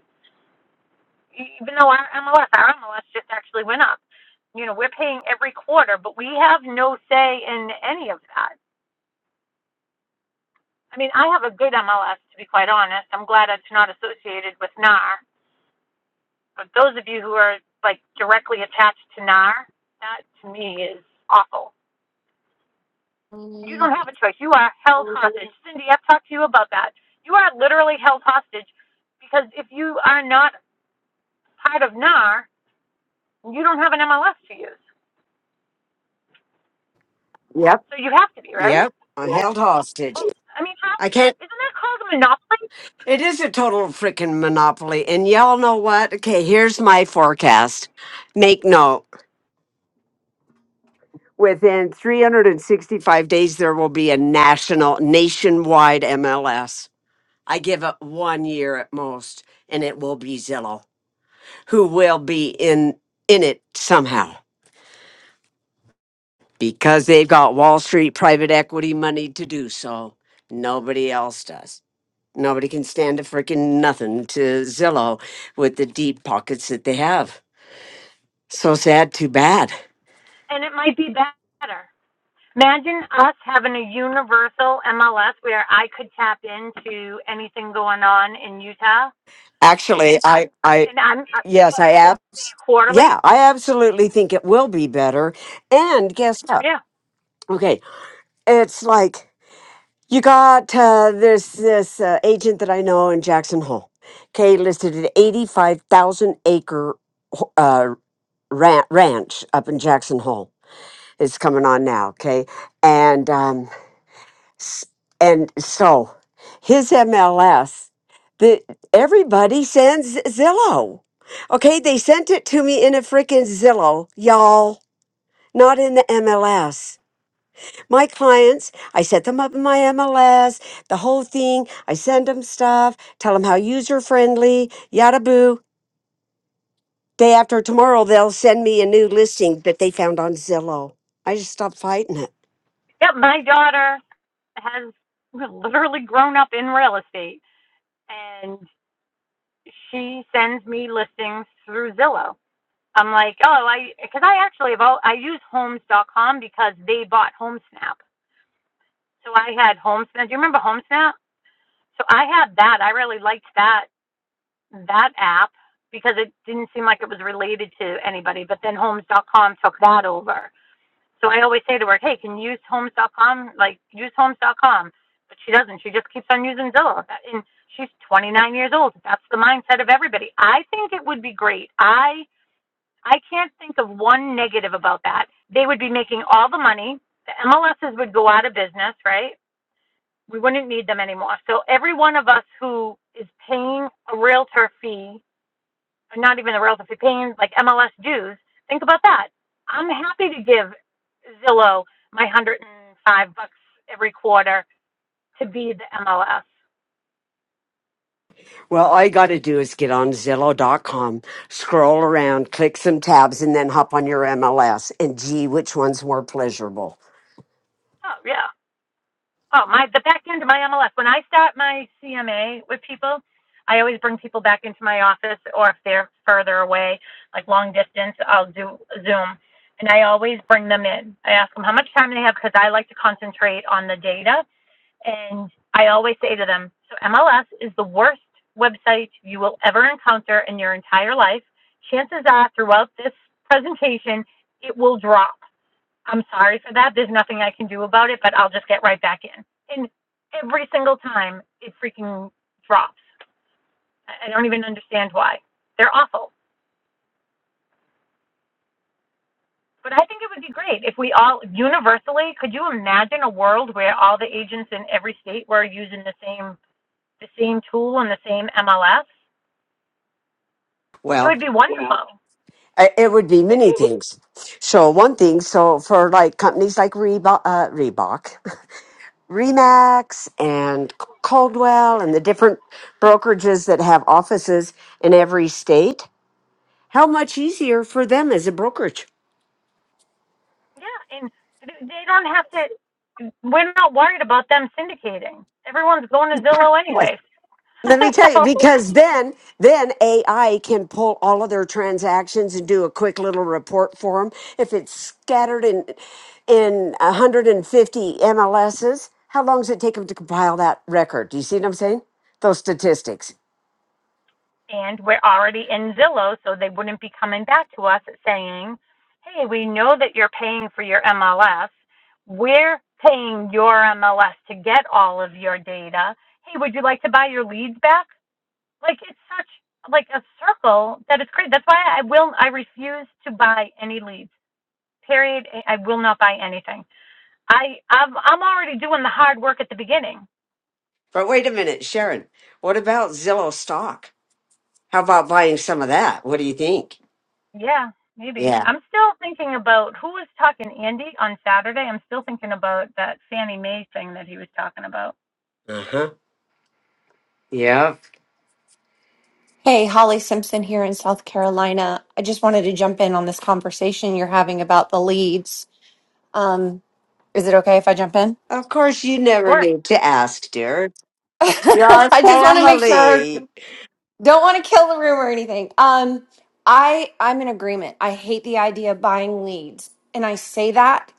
even though our MLS, our MLS just actually went up. You know, we're paying every quarter, but we have no say in any of that. I mean, I have a good MLS to be quite honest. I'm glad it's not associated with NAR. But those of you who are like directly attached to NAR, that to me is awful. You Mm. don't have a choice. You are held hostage. Cindy, I've talked to you about that. You are literally held hostage because if you are not part of NAR, you don't have an MLS to use. Yep. So you have to be, right? Yep. I'm Yeah. held hostage. Well, I mean, how, I can't. isn't that called a monopoly? It is a total freaking monopoly. And y'all know what? Okay, here's my forecast. Make note. Within 365 days, there will be a national, nationwide MLS. I give it one year at most, and it will be Zillow, who will be in in it somehow because they've got Wall Street private equity money to do so. Nobody else does. Nobody can stand a freaking nothing to Zillow with the deep pockets that they have. So sad, too bad. And it might be better. Imagine us having a universal MLS where I could tap into anything going on in Utah, Actually, I, I, and I'm I yes, I abs, quarterly. yeah, I absolutely think it will be better. And guess what? Yeah, Okay, it's like you got uh, there's this uh, agent that I know in Jackson Hole. Okay, listed an eighty-five thousand acre uh, ran- ranch up in Jackson Hole. It's coming on now. Okay, and um, S- And so his MLS, the everybody sends Zillow. Okay, they sent it to me in a freaking Zillow, y'all, not in the MLS. My clients, I set them up in my MLS, the whole thing. I send them stuff, tell them how user friendly, yada boo. Day after tomorrow, they'll send me a new listing that they found on Zillow. I just stopped fighting it. Yep. My daughter has literally grown up in real estate, and she sends me listings through Zillow. I'm like, oh, I because I actually have all, I use Homes.com because they bought HomeSnap, so I had HomeSnap. Do you remember HomeSnap? So I had that. I really liked that that app because it didn't seem like it was related to anybody. But then Homes. dot com took that over. So I always say to her, "Hey, can you use Homes dot com? Like use Homes. dot com." But she doesn't. She just keeps on using Zillow. And she's 29 years old. That's the mindset of everybody. I think it would be great. I I can't think of one negative about that. They would be making all the money. The MLSs would go out of business, right? we wouldn't need them anymore. So every one of us who is paying a realtor fee, or not even a realtor fee, paying like MLS dues, think about that. I'm happy to give Zillow my one hundred and five bucks every quarter to be the MLS. Well, all you got to do is get on Zillow dot com, scroll around, click some tabs, and then hop on your MLS. And gee, which one's more pleasurable? Oh yeah, Oh, my the back end of my MLS. When I start my CMA with people, I always bring people back into my office, or if they're further away, like long distance, I'll do Zoom, and I always bring them in. I ask them how much time they have because I like to concentrate on the data, and I always say to them, "So MLS is the worst website you will ever encounter in your entire life. Chances are, throughout this presentation, it will drop." I'm sorry for that. There's nothing I can do about it, but I'll just get right back in. And every single time it freaking drops. I don't even understand why. They're awful. But I think it would be great if we all universally could you imagine a world where all the agents in every state were using the same the same tool and the same MLS? It Well, would be wonderful. i- it would be many things. So one thing, so for like companies like Reebok, uh, Reebok, Remax, and Coldwell, and the different brokerages that have offices in every state, how much easier for them as a brokerage? Yeah, and they don't have to we're not worried about them syndicating. Everyone's going to Zillow anyway. Let me tell you, so because then then AI can pull all of their transactions and do a quick little report for them. If it's scattered in in 150 MLSs, how long does it take them to compile that record? Do you see what I'm saying? Those statistics. And we're already in Zillow, so they wouldn't be coming back to us saying, hey, we know that you're paying for your MLS. We're paying your MLS to get all of your data. Hey, would you like to buy your leads back? Like it's such like a circle that is crazy. That's why I will I refuse to buy any leads. Period. I I will not buy anything. I I'm, I'm already doing the hard work at the beginning. But wait a minute, Sharon. What about Zillow stock? How about buying some of that? What do you think? Yeah, maybe. Yeah. I'm still thinking about who was talking Andy on Saturday. I'm still thinking about that Fannie Mae thing that he was talking about. Uh huh. Yeah. Hey, Holly Simpson here in South Carolina. I just wanted to jump in on this conversation you're having about the leads. Um, is it okay if I jump in? Of course, you Of never course. need to ask, dear. Your I just want to make sure. family Don't want to kill the room or anything. Um, I I'm in agreement. I hate the idea of buying leads, and I say that,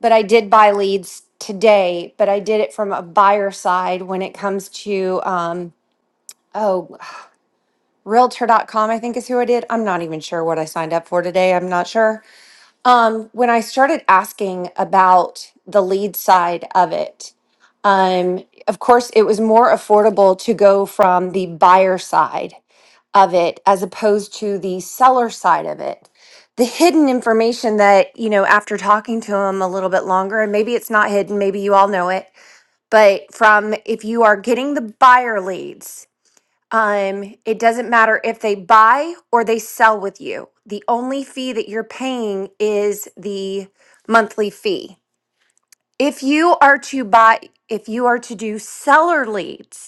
but I did buy leads today, but I did it from a buyer side when it comes to um, oh, Realtor.com. I think is who I did. I'm not even sure what I signed up for today. I'm not sure Um, when I started asking about the lead side of it, um, of course, it was more affordable to go from the buyer side of it as opposed to the seller side of it. The hidden information that, you know, after talking to them a little bit longer, and maybe it's not hidden, maybe you all know it, but from if you are getting the buyer leads, um, it doesn't matter if they buy or they sell with you. The only fee that you're paying is the monthly fee. If you are to buy, if you are to do seller leads,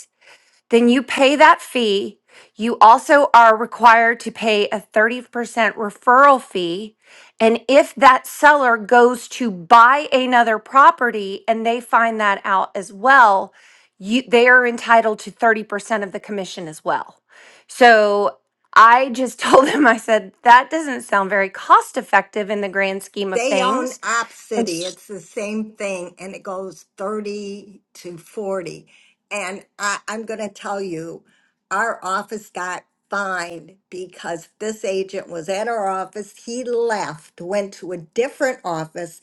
then you pay that fee. You also are required to pay a 30% referral fee. And if that seller goes to buy another property and they find that out as well, you, they are entitled to 30% of the commission as well. So I just told them, I said, that doesn't sound very cost effective in the grand scheme of They own things. Opcity. It's the same thing, and it goes 30 to 40. And I, I'm going to tell you, our office got fined because this agent was at our office. He left, went to a different office,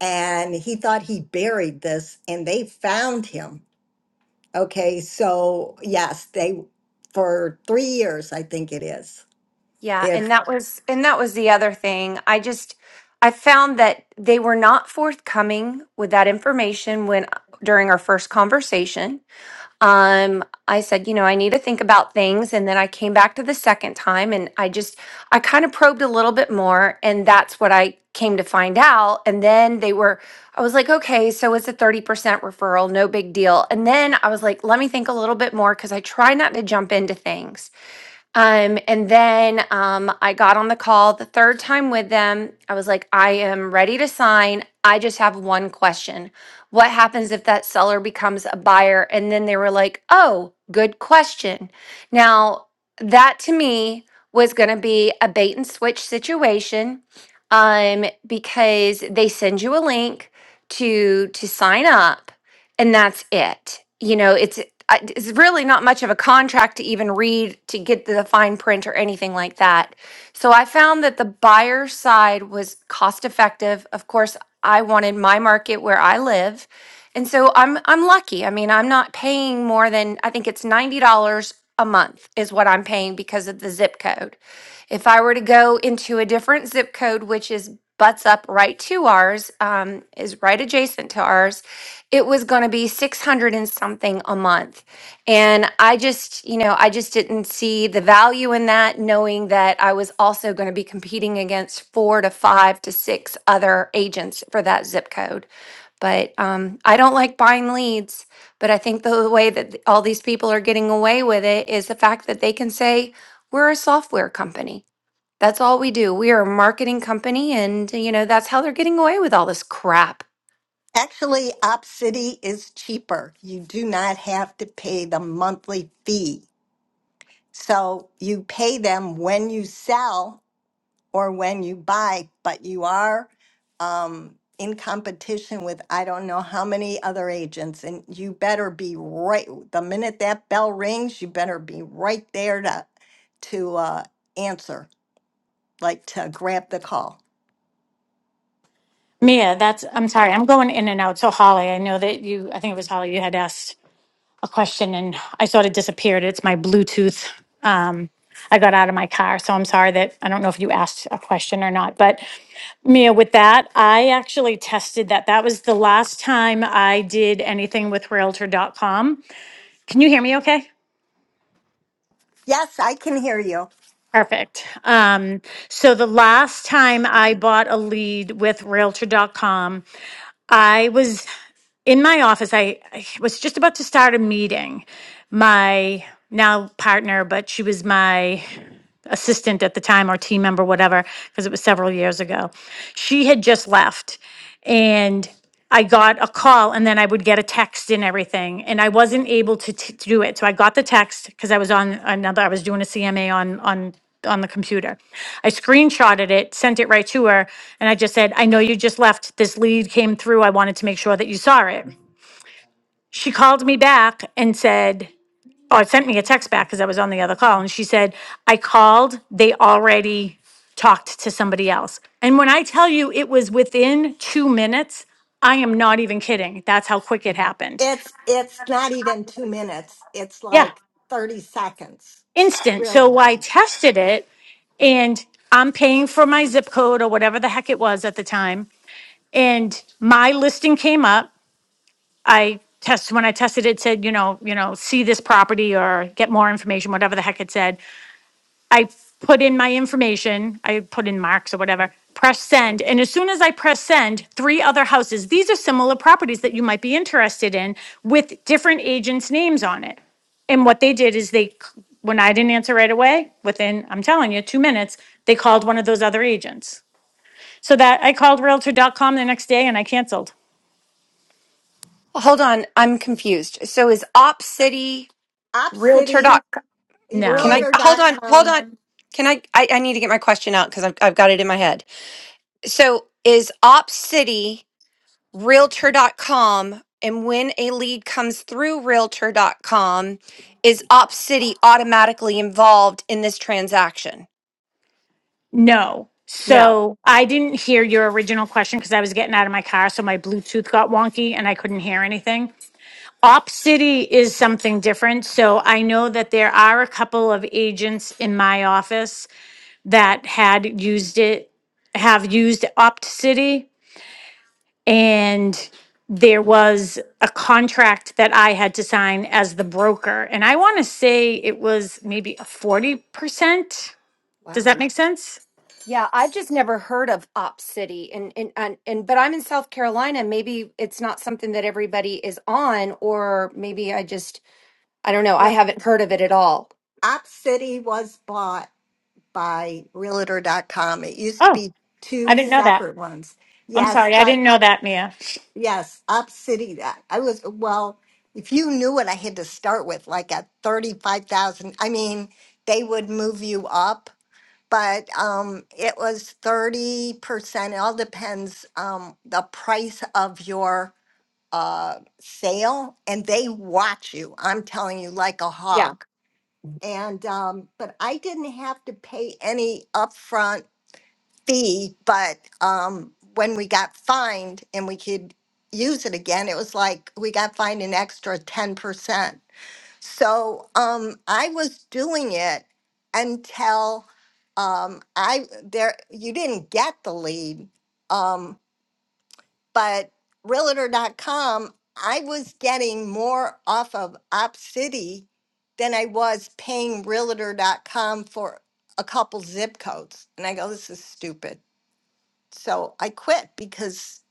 and he thought he buried this, and they found him. Okay, so yes, they for three years, I think it is. Yeah, and that was and that was the other thing. I just I found that they were not forthcoming with that information when during our first conversation. Um I said, you know, I need to think about things and then I came back to the second time and I just I kind of probed a little bit more and that's what I came to find out and then they were I was like, okay, so it's a 30% referral, no big deal. And then I was like, let me think a little bit more cuz I try not to jump into things. Um, and then um, I got on the call the third time with them. I was like, I am ready to sign. I just have one question. What happens if that seller becomes a buyer? And then they were like, oh, good question. Now, that to me was going to be a bait and switch situation um, because they send you a link to to sign up and that's it. You know, it's I- it's really not much of a contract to even read to get the fine print or anything like that. So I found that the buyer side was cost effective. Of course, I wanted my market where I live. And so I'm I'm lucky. I mean, I'm not paying more than I think it's $90 a month is what I'm paying because of the zip code. If I were to go into a different zip code which is butts up right to ours, um, is right adjacent to ours, it was going to be 600 and something a month and i just you know i just didn't see the value in that knowing that i was also going to be competing against four to five to six other agents for that zip code but um, i don't like buying leads but i think the way that th- all these people are getting away with it is the fact that they can say we're a software company that's all we do we are a marketing company and you know that's how they're getting away with all this crap Actually, Op City is cheaper. You do not have to pay the monthly fee. So you pay them when you sell or when you buy, but you are um, in competition with I don't know how many other agents, and you better be right. The minute that bell rings, you better be right there to to uh, answer, like to grab the call. Mia, that's, I'm sorry, I'm going in and out. So Holly, I know that you, I think it was Holly, you had asked a question and I sort of disappeared. It's my Bluetooth. Um, I got out of my car, so I'm sorry that, I don't know if you asked a question or not, but Mia, with that, I actually tested that. That was the last time I did anything with Realtor.com. Can you hear me okay? Yes, I can hear you. Perfect. Um, so the last time I bought a lead with Realtor dot com, I was in my office. I, I was just about to start a meeting. My now partner, but she was my assistant at the time or team member, whatever, because it was several years ago. She had just left and I got a call and then I would get a text and everything. And I wasn't able to, t- to do it. So I got the text because I was on another, I was doing a CMA on, on, on the computer. I screenshotted it, sent it right to her. And I just said, I know you just left. This lead came through. I wanted to make sure that you saw it. She called me back and said, Oh, it sent me a text back because I was on the other call and she said, I called, they already talked to somebody else. And when I tell you it was within two minutes, I am not even kidding. That's how quick it happened. It's it's not even two minutes. It's Yeah, like 30 seconds, instant. So really. I tested it and I'm paying for my zip code or whatever the heck it was at the time. And my listing came up. I test when I tested it, it said, you know, you know, see this property or get more information, whatever the heck it said. I put in my information, I put in marks or whatever, press send. And as soon as I press send, three other houses, these are similar properties that you might be interested in with different agents' names on it. And what they did is they, c- when I didn't answer right away, within, I'm telling you, two minutes, they called one of those other agents. So that I called Realtor. dot com the next day and I canceled. Hold on, I'm confused. So is Op City? Op Can No, I hold dot on? Hold com. on. Can I? I, I need to get my question out because I've I've got it in my head. So is Op City Realtor dot com, and when a lead comes through Realtor dot com, is Op City automatically involved in this transaction? no. No. So I didn't hear your original question because I was getting out of my car. So my Bluetooth got wonky and I couldn't hear anything. Op City is something different. So I know that there are a couple of agents in my office that had used it, have used Opt City. And there was a contract that I had to sign as the broker. And I want to say it was maybe a 40%. Does Wow. that make sense? Yeah, I've just never heard of Op City, and and and, and but I'm in South Carolina. Maybe it's not something that everybody is on, or maybe I just I don't know. I No, haven't heard of it at all. Op was bought by Realtor dot com. It used to Oh, be I two didn't know that. separate ones. I'm Yes, but sorry. yes, OpCity. uh, I was, well, if you knew what I had to start with, like at 35,000, I mean, they would move you up. but um, it was 30%. It all depends um, the price of your uh, sale, and they watch you. I'm telling you, like a Yeah. hawk. And um, but I didn't have to pay any upfront fee. But um, when we got fined and we could use it again, it was like we got fined an extra 10%. So um, I was doing it until um, I there you didn't get the lead, um, but realtor dot com. I was getting more off of OpCity than I was paying Realtor dot com for a couple zip codes, and I go, this is stupid. So I quit because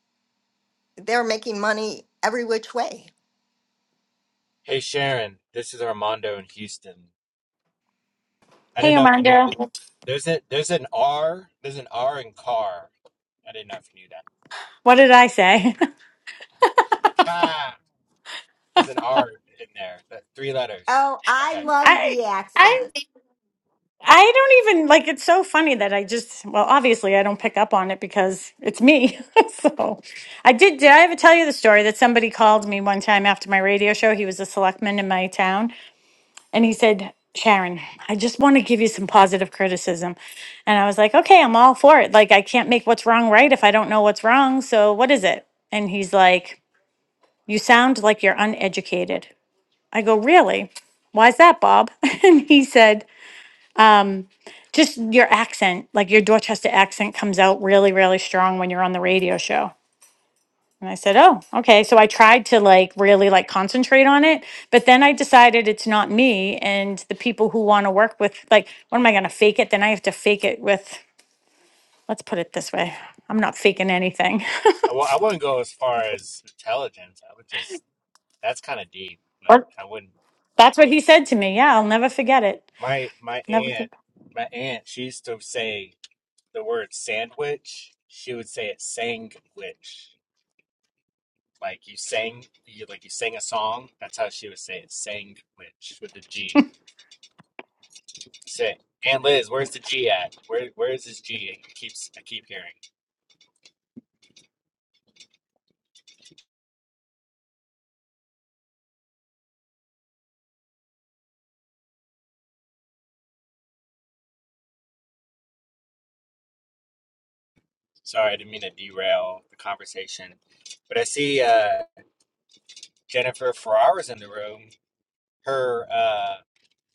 they're making money every which way. Hey Sharon, this is Armando in Houston. I didn't Hey, know if you knew Amanda. that. There's a there's an R. There's an R in car. I didn't know if you knew that. What did I say? Car. There's an R in there. That three letters. Oh, I Okay. love I. the accent. I don't even like it's so funny that I just well obviously I don't pick up on it because it's me. so I did did I ever tell you the story that somebody called me one time after my radio show. He was a selectman in my town and he said, "Sharon, I just want to give you some positive criticism." And I was like, "Okay, I'm all for it. Like I can't make what's wrong right if I don't know what's wrong. So what is it?" And he's like, "You sound like you're uneducated." I go, "Really?" Why's that, Bob? And he said, um, just your accent, like your Dorchester accent comes out really, really strong when you're on the radio show. And I said, Oh, okay. So I tried to like really like con it, but then I decided it's not me and the people who want to work with like, what am I gonna fake it? Then I have to fake it with let's put it this way. I'm not faking anything. I w- I wouldn't go as far as intelligence. I would just that's kind of deep, but Or I wouldn't. that's what he said to me. Yeah, I'll never forget it. My my Never aunt my aunt she used to say the word sandwich. She would say it sandwich. Like you sang you like you sang a song. That's how she would say it sandwich with the G. Say, Aunt Liz, where's the G at? Where where is this G? It keeps I keep hearing. Sorry, I didn't mean to derail the conversation. But I see uh, Jennifer Ferrara's in the room. Her uh,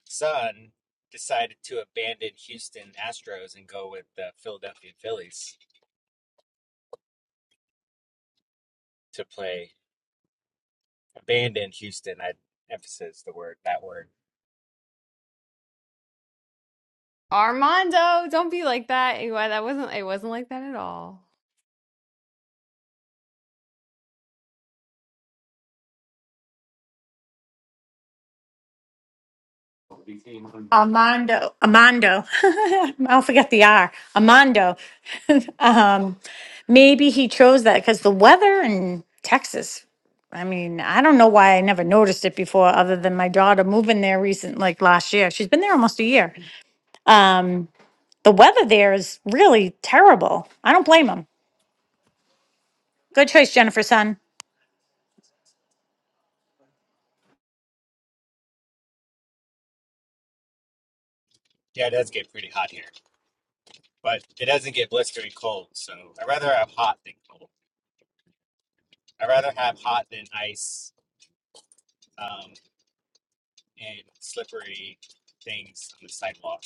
son decided to abandon Houston Astros and go with the Philadelphia Phillies to play. Abandon Houston. I emphasize the word that word. Armando, don't be like that. Anyway, that wasn't it wasn't like that at all. Armando, Armando, I'll forget the R, Armando. um, maybe he chose that because the weather in Texas. I mean, I don't know why I never noticed it before, other than my daughter moving there recent, like last year. She's been here. Um, the weather there is really terrible. I don't blame him. Jennifer, son, Yeah, it does get pretty hot here, but it doesn't get blistering cold. So I rather have hot than cold. I'd rather have hot than ice um, and slippery things on the sidewalk.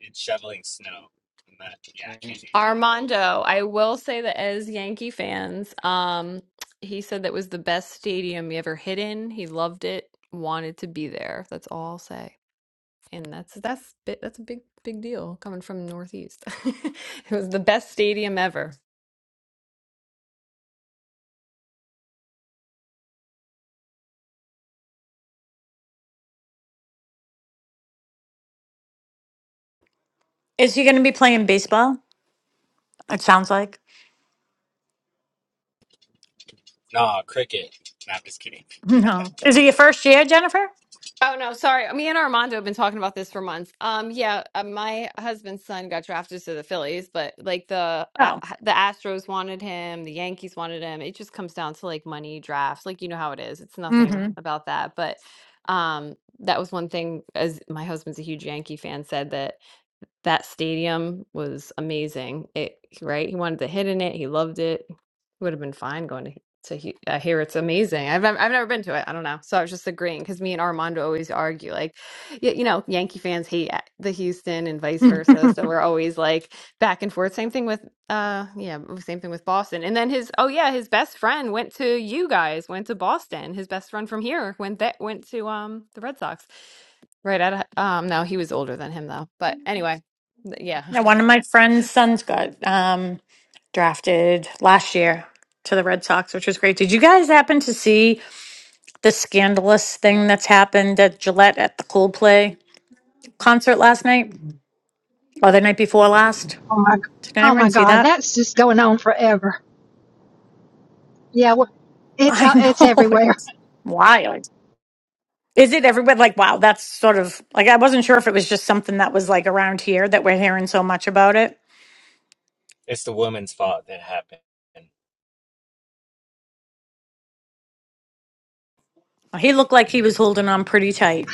It's shoveling snow. And that, yeah, I can't do that. Armando, I will say that as Yankee fans, um, he said that was the best stadium he ever hit in. He loved it, wanted to be there. That's all I'll say. And that's that's bi- that's a big big deal coming from Northeast. It was the best stadium ever. is he going to be playing baseball? It sounds like. Nah, cricket. Nah, I'm just kidding. No. Is it your first year, Jennifer? Oh no, sorry. Me and Armando have been talking about this for months. Um, yeah, uh, my husband's son got drafted to the Phillies, but like the A- Oh. the Astros wanted him, the Yankees wanted him. It just comes down to like money drafts, like you know how it is. It's nothing Mm-hmm. about that, but um, that was one thing. As my husband's a huge Yankee fan, said that that stadium was amazing. It right? He wanted to hit in it. He loved it. He would have been fine going to to he- I hear it's amazing. I've nev- I've never been to it. I don't know. So I was just agreeing because me and Armando always argue like, y- you know, Yankee fans hate a- the Houston and vice Mm. versa. So we're always like back and forth. Same thing with uh yeah, same thing with Boston. And then his oh yeah, his best friend went to you guys, went to Boston. His best friend from here went that went to um the Red Sox. Right out of, um no, he was older than him though. But anyway, Th- Yeah. Now, one of my friend's sons got um, drafted last year to the Red Sox, which was great. Did you guys happen to see the scandalous thing that's happened at Gillette at the Coldplay concert last night or the night before last? Oh my, Did oh anyone my see God, that? that's just going on forever. Yeah, wh- it's I uh, it's know. it's everywhere. Wild. Is it everybody like, wow, that's sort of like, I wasn't sure if it was just something that was like around here that we're hearing so much about it. it's the woman's fault that happened. I He looked like he was holding on pretty tight.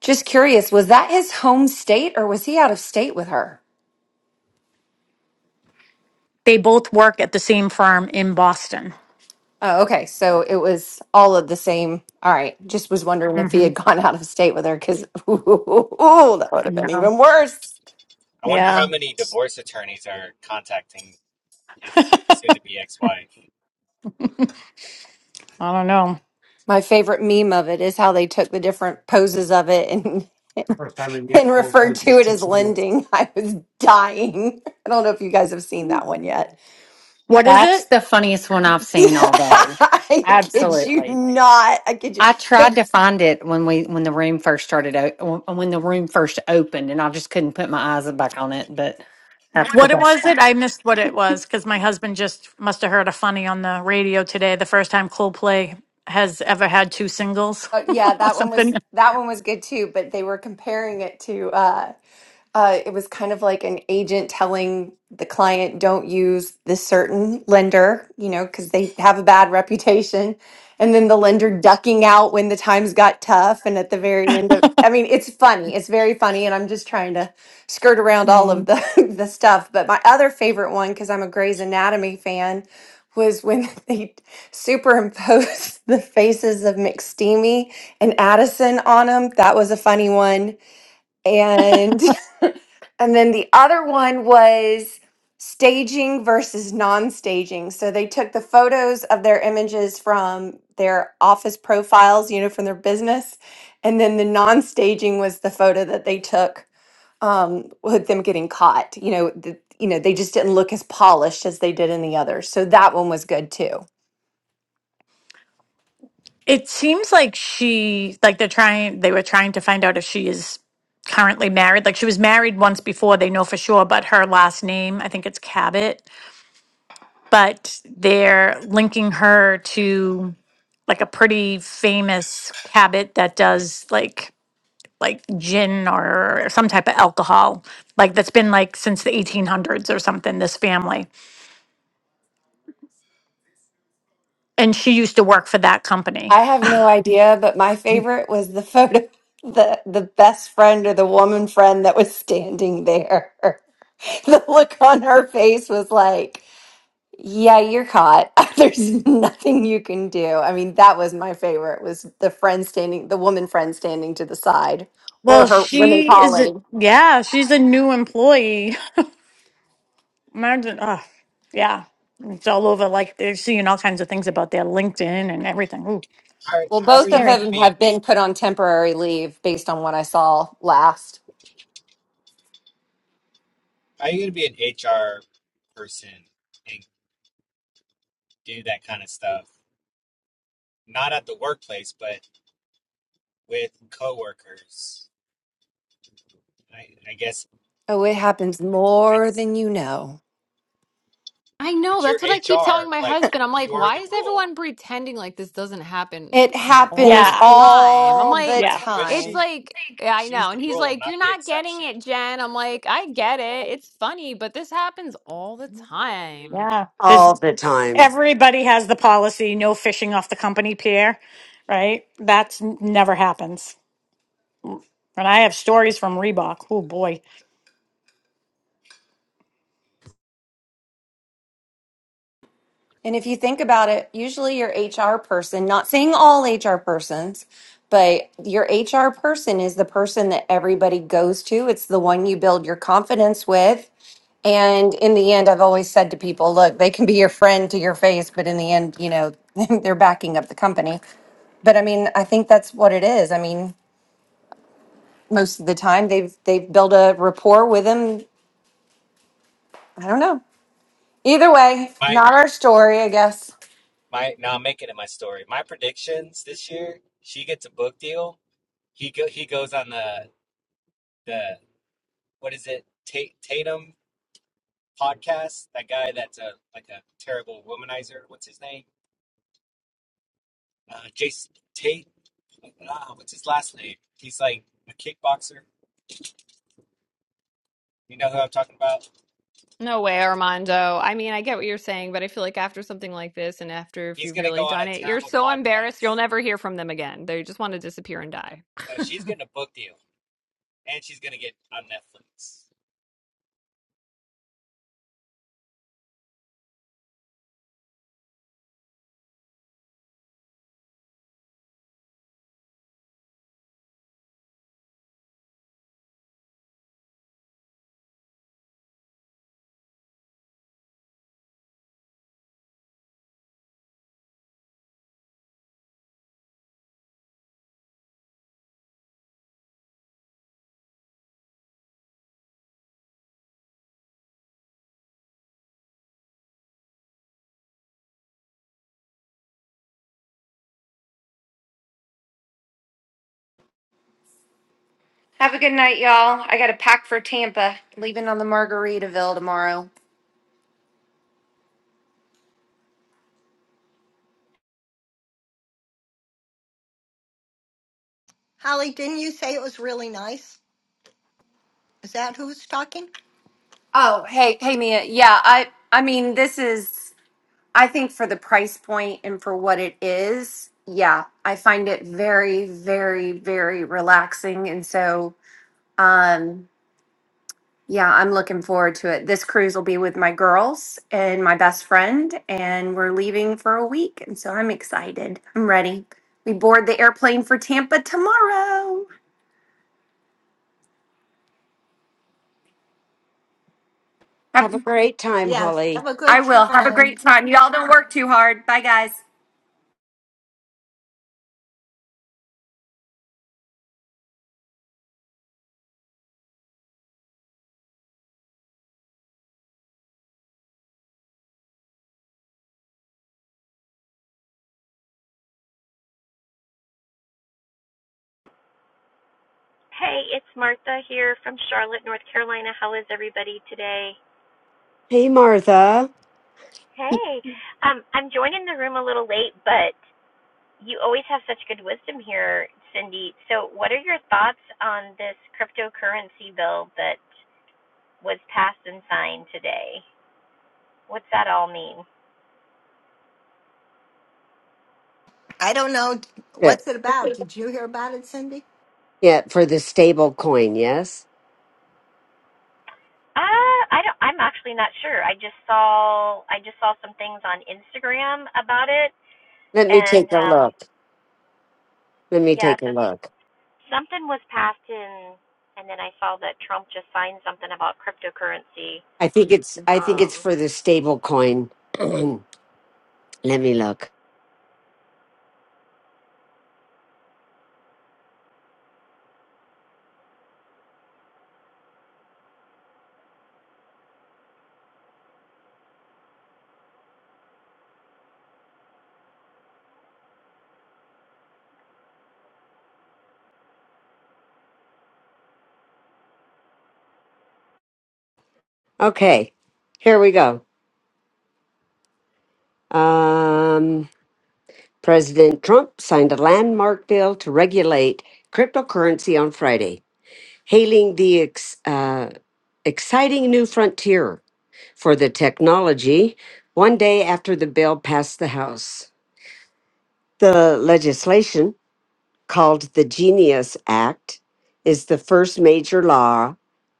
Just curious, was that his home state, or was he out of state with her? They both work at the same firm in Boston. Oh, okay. So it was all of the same. All right. Just was wondering if he had Mm-hmm. gone out of state with her because, ooh, that would have been even worse. wonder how Yeah. many divorce attorneys are contacting his I soon-to-be ex-wife. don't know. My favorite meme of it is how they took the different poses of it and, and referred to it as lending. I was dying. I don't know if you guys have seen that one yet. What is That's it? the funniest one I've seen all day. I kid you Absolutely. not. I kid you. I tried The, to find it when we when the room first started o- when the room first opened and I just couldn't put my eyes back on it, but that's the What it best was one. it? I missed what it was because my husband just must have heard a funny on the radio today. The first time Coldplay has ever had two singles uh, yeah, or that one was something. that one was good too, but they were comparing it to. uh, uh, it was kind of like an agent telling the client don't use this certain lender you know because they have a bad reputation and then the lender ducking out when the times got tough and at the very end of i mean it's funny it's very funny and i'm just trying to skirt around all of the the stuff but my other favorite one because i'm a Grey's anatomy fan was when they superimposed the faces of mcsteamy and addison on them that was a funny one and And then the other one was staging versus non staging. So they took the photos of their images from their office profiles, you know, from their business. And then the non staging was the photo that they took um, with them getting caught. You know, the, you know, they just didn't look as polished as they did in the others. So that one was good too. It seems like she like they're trying they were trying to find out if she is currently married. Like she was married once before, they know for sure, but her last name, I think it's Cabot, but they're linking her to like a pretty famous Cabot that does like like gin or some type of alcohol, like that's been like since the 1800s or something, this family. And she used to work for that company. I have no idea, but my favorite was the photo, the the best friend or the woman friend that was standing there. The look on her face was like, "Yeah, you're caught. There's nothing you can do." I mean, that was my favorite was the friend standing, the woman friend standing to the side, or Well, her women she is a, colleague. yeah, she's a new employee. Imagine, oh, yeah. It's all over. Like they're seeing all kinds of things about their LinkedIn and everything. Ooh, How, Well, how are both of you going scary. to them be? An, have been put on temporary leave based on what I saw last. how are you going to be an HR person and do that kind of stuff? Not at the workplace, but with coworkers. I, I guess Oh, it happens I more just, than you know. I know. but you're That's what I keep HR, telling my like husband. I'm like, you are why the is everyone rule. pretending like this doesn't happen It No. all happens the time? I'm all like, the But it's she, time. like, yeah, I she's know. the And he's rule, like, not you're the not getting exception. it, Jen. I'm like, I get it. It's funny, but this happens all the time. Yeah. There's all the time. everybody has the policy no fishing off the company pier, right? That's n- never happens. And I have stories from Reebok. Oh boy. And if you think about it, usually your HR person, not saying all HR persons, but your HR person is the person that everybody goes to. It's the one you build your confidence with. And in the end, I've always said to people, look, they can be your friend to your face, but in the end, you know, they're backing up the company. But I mean, I think that's what it is. I mean, most of the time they've they've built a rapport with them. I don't know. Either way, My, not our story, I guess. my. Now I'm making it my story. My predictions this year: she gets a book deal. He go, he goes on the the what is it? Ta- Tatum podcast. That guy that's a like a terrible womanizer. What's his name? Uh, Jason Tate. Ah, what's his last name? He's like a kickboxer. You know who I'm talking about? No way, Armando. I mean, I get what you're saying, but I feel like after something like this and after if He's you've gonna really go on a done it, you're terrible so embarrassed, you'll podcast. never hear from them again. They just want to disappear and die. No, she's getting a book deal. and she's gonna get on Netflix. Have a good night, y'all. I got to pack for Tampa, leaving on the Margaritaville tomorrow. Holly, didn't you say it was really nice? Is that who's talking? Oh, hey, hey, Mia. Yeah, I, I mean, this is, I think for the price point and for what it is, yeah, I find it very, very, very relaxing. And so, um, Yeah, I'm looking forward to it. This cruise will be with my girls and my best friend, and we're leaving for a week. And so I'm excited. I'm ready. We board the airplane for Tampa tomorrow. Have- Have a great time, Yes, Holly. have a I good will. Have a time. great time. Y'all don't work too hard. Bye, guys. Hey, it's Martha here from Charlotte, North Carolina. How is everybody today? Hey, Martha. Hey, um, I'm joining the room a little late, but you always have such good wisdom here, Cindy. So, what are your thoughts on this cryptocurrency bill that was passed and signed today? What's that all mean? I don't know. Yeah, What's it about? Did you hear about it, Cindy? yeah for the stable coin, yes? Uh, I don't. I'm actually not sure. I just saw I just saw some things on Instagram about it, Let me and take a um, look. Let me yeah, take a so look. Something was passed in, and then I saw that Trump just signed something about cryptocurrency. I think it's I think it's Um, for the stable coin. Let me look. Okay. Here we go. Um President Trump signed a landmark bill to regulate cryptocurrency on Friday, hailing the ex, uh, exciting new frontier. for the technology one day after the bill passed the House. The legislation, called the Genius Act, is the first major law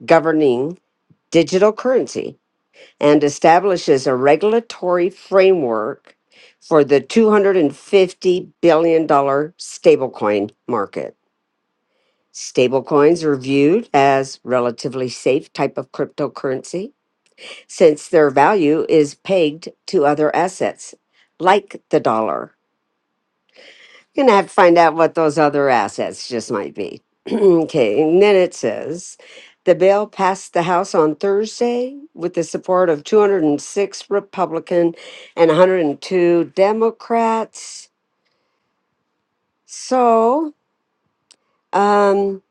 governing digital currency and establishes a regulatory framework for the $250 billion dollar stablecoin market. Stablecoins are viewed as relatively safe type of cryptocurrency since their value is pegged to other assets, like the dollar. You're going to have to find out what those other assets just might be. okay, and then it says the bill passed the House on Thursday with the support of 206 Republican and 102 Democrats. So, um,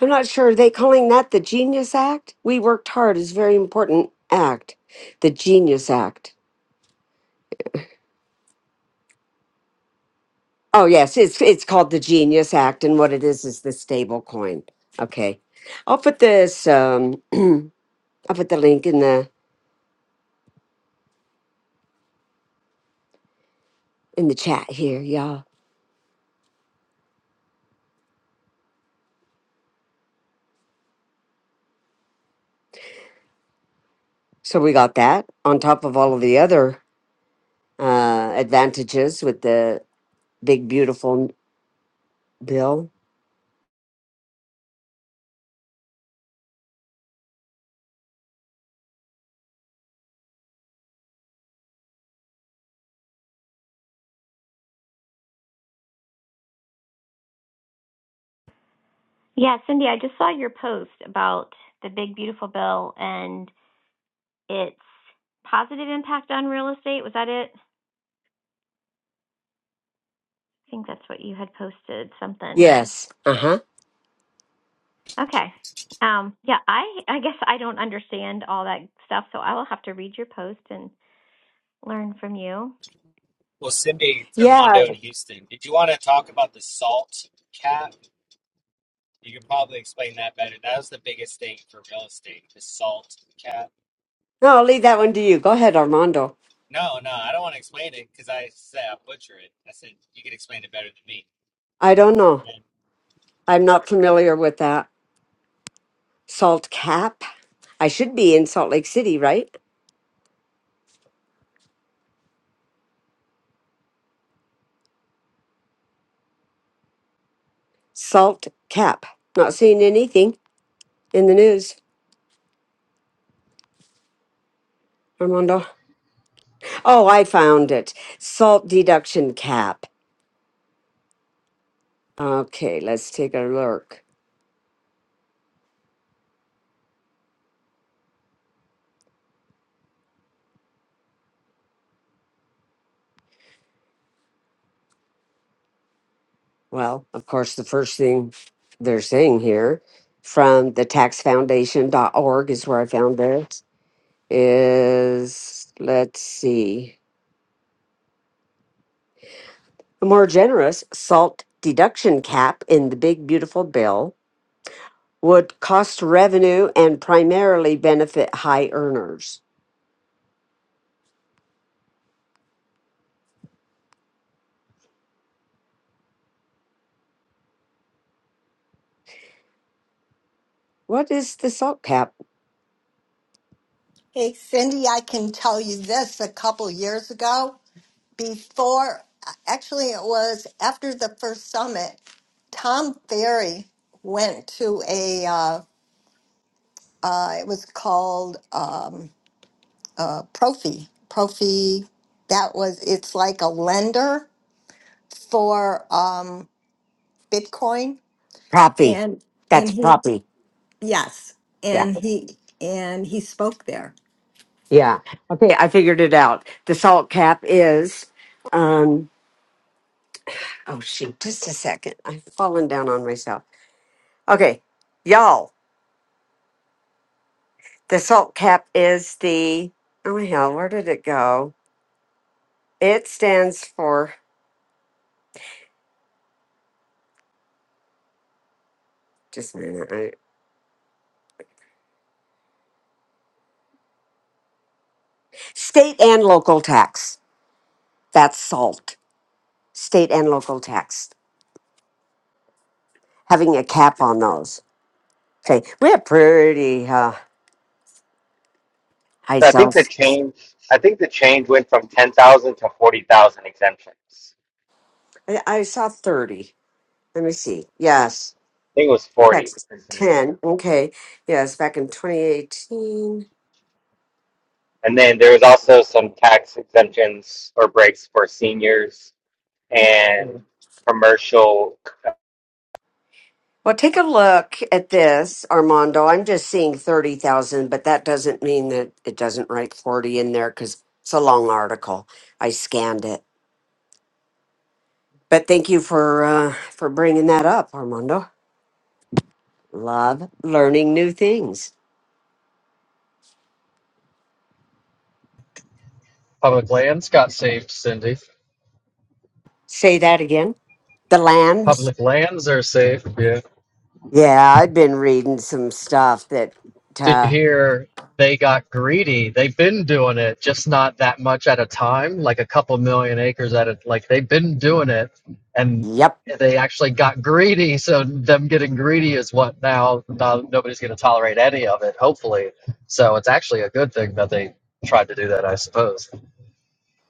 I'm not sure. Are they calling that the Genius Act? We worked hard. It's a very important act, the Genius Act. Oh yes, it's it's called the Genius Act, and what it is is the stable coin. Okay, I'll put this. Um, I'll put the link in the in the chat here, y'all. So we got that on top of all of the other uh, advantages with the big beautiful bill. Yeah, Cindy, I just saw your post about the big beautiful bill and its positive impact on real estate. Was that it? I think that's what you had posted, something. Yes. Uh huh. Okay. Um, yeah, I I guess I don't understand all that stuff, so I will have to read your post and learn from you. Well, Cindy Yeah. Armando in Houston, did you want to talk about the salt cap? You can probably explain that better. That was the biggest thing for real estate, the salt cap. No, I'll leave that one to you. Go ahead, Armando. No, no, I don't want to explain it because I said I butcher it. I said you can explain it better than me. I don't know. Then- I'm not familiar with that salt cap. I should be in Salt Lake City, right? Salt cap. Not seeing anything. in the news, Armando? Oh, I found it. Salt deduction cap. Okay, let's take a look. Well, of course, the first thing they're saying here from the taxfoundation.org is where I found this is let's see. A more generous salt deduction cap in the big beautiful bill would cost revenue and primarily benefit high earners. What is the salt cap? Hey, Cindy, I can tell you this a couple years ago, before, actually, it was after the first summit, Tom Ferry went to a, uh, uh, it was called um, uh, Profi. Profi, that was, it's like a lender for um, Bitcoin. Proppy. And, and That's he proppy. Yes, Yeah. and he and he spoke there. Yeah. Okay. I figured it out. The salt cap is, um, oh shoot, just a second. I've fallen down on myself. Okay. Y'all, the salt cap is the, oh hell, where did it go? It stands for, just a minute, I- state and local tax. That's salt. State and local tax. Having a cap on those. Okay. We have pretty uh, high So I think the sales. change, I think the change went from ten thousand to forty thousand exemptions. I, I saw 30. Let me see. Yes. I think it was forty Text for some reason. 10. Okay. Yes, back in 2018. And then there was also some tax exemptions or breaks for seniors. Yeah. and commercial Well, take a look at this, Armando. I'm just seeing 30,000, but that doesn't mean that it doesn't write 40 in there because it's a long article. I scanned it. But thank you for uh, for bringing that up, Armando. Love learning new things. Public lands got saved, Cindy. Say that again. The land. Public lands are saved. Yeah. Yeah, I've been reading some stuff that, Did you uh, hear they got greedy? They've been doing it, just not that much at a time, like a couple million acres at a like they've been doing it and yep. they actually got greedy, so them getting greedy is what now, now nobody's gonna tolerate any of it, hopefully. So it's actually a good thing that they tried to do that, I suppose.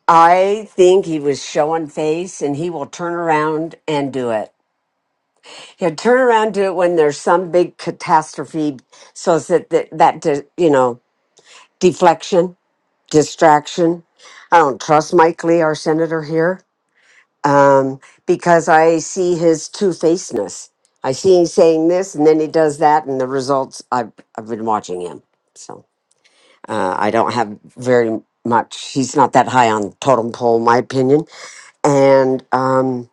I think he was showing face and he will turn around and do it. He'll turn around and do it when there's some big catastrophe. So it's that, that, that, di- you know, deflection, distraction. I don't trust Mike Lee, our senator here, um, because I see his two facedness. I see him saying this and then he does that, and the results, I've, I've been watching him. So uh, I don't have very much. He's not that high on the totem pole, in my opinion. And, um,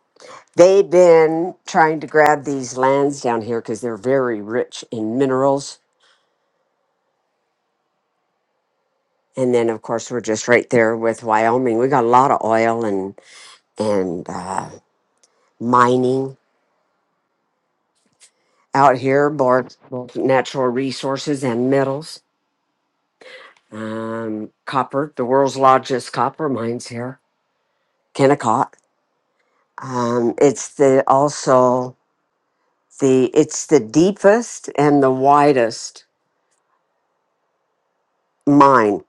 They've been trying to grab these lands down here because they're very rich in minerals. And then, of course, we're just right there with Wyoming. We got a lot of oil and and uh, mining out here, both both natural resources and metals. Um, copper, the world's largest copper mines here, Kennecott. Um, it's the also the it's the deepest and the widest mine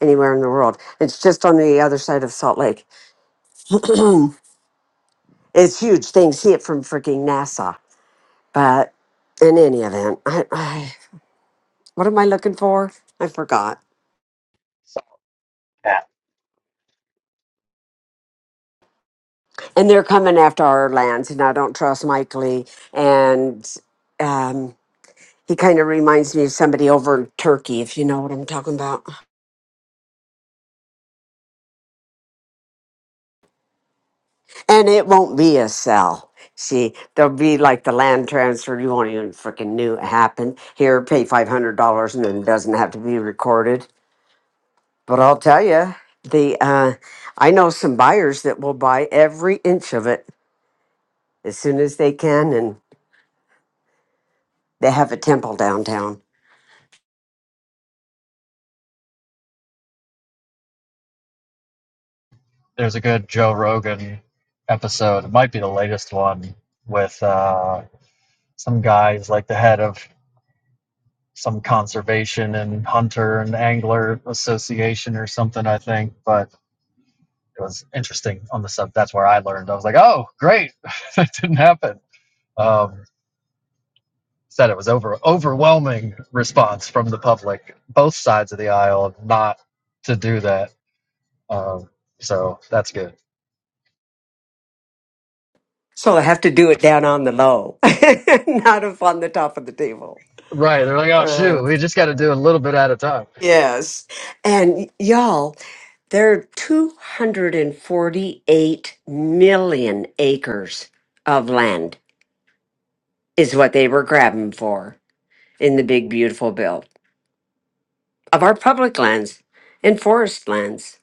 anywhere in the world. It's just on the other side of Salt Lake. it's huge. They can see it from freaking NASA. But in any event, I, I, what am I looking for? I forgot. app. And they're coming after our lands, and I don't trust Mike Lee. And um, he kind of reminds me of somebody over in Turkey, if you know what I'm talking about. And it won't be a cell. See, there'll be like the land transfer you won't even freaking knew it happened. Here, pay five hundred dollars, and then it doesn't have to be recorded. But I'll tell you, the uh, I know some buyers that will buy every inch of it as soon as they can, and they have a temple downtown, There's a good Joe Rogan episode, it might be the latest one with uh some guys like the head of some conservation and hunter and angler association or something, I think. But it was interesting on the sub. That's where I learned. I was like, oh, great, that didn't happen. Um, said it was over overwhelming response from the public, both sides of the aisle, not to do that. Um, so that's good. so they have to do it down on the low, not up on the top of the table. Right? They're like, oh shoot, we just got to do a little bit at a time. Yes. And y- y'all, there are 248 million acres of land, is what they were grabbing for in the big, beautiful bill of our public lands and forest lands.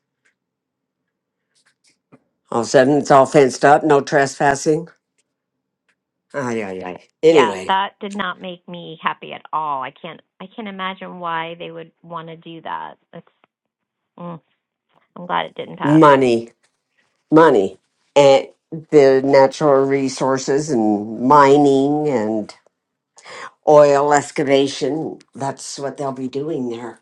All of a sudden, it's all fenced up, no trespassing. Ay, ay, ay. Yeah, Anyway, that did not make me happy at all. I can't I can't imagine why they would want to do that. It's mm, I'm glad it didn't pass. money, money, and the natural resources and mining and oil excavation. That's what they'll be doing there.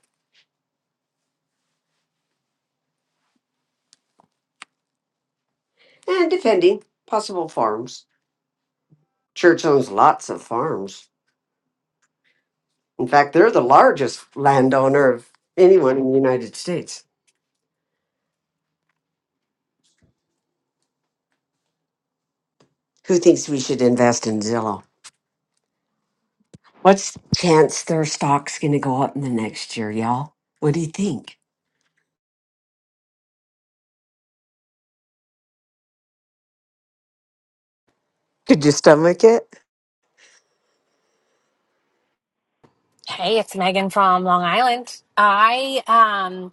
And depending, possible farms. Church owns lots of farms. In fact, they're the largest landowner of anyone in the United States. Who thinks we should invest in Zillow? What's the chance their stock's going to go up in the next year, y'all? What do you think? Could you stomach it? Hey, it's Megan from Long Island. I um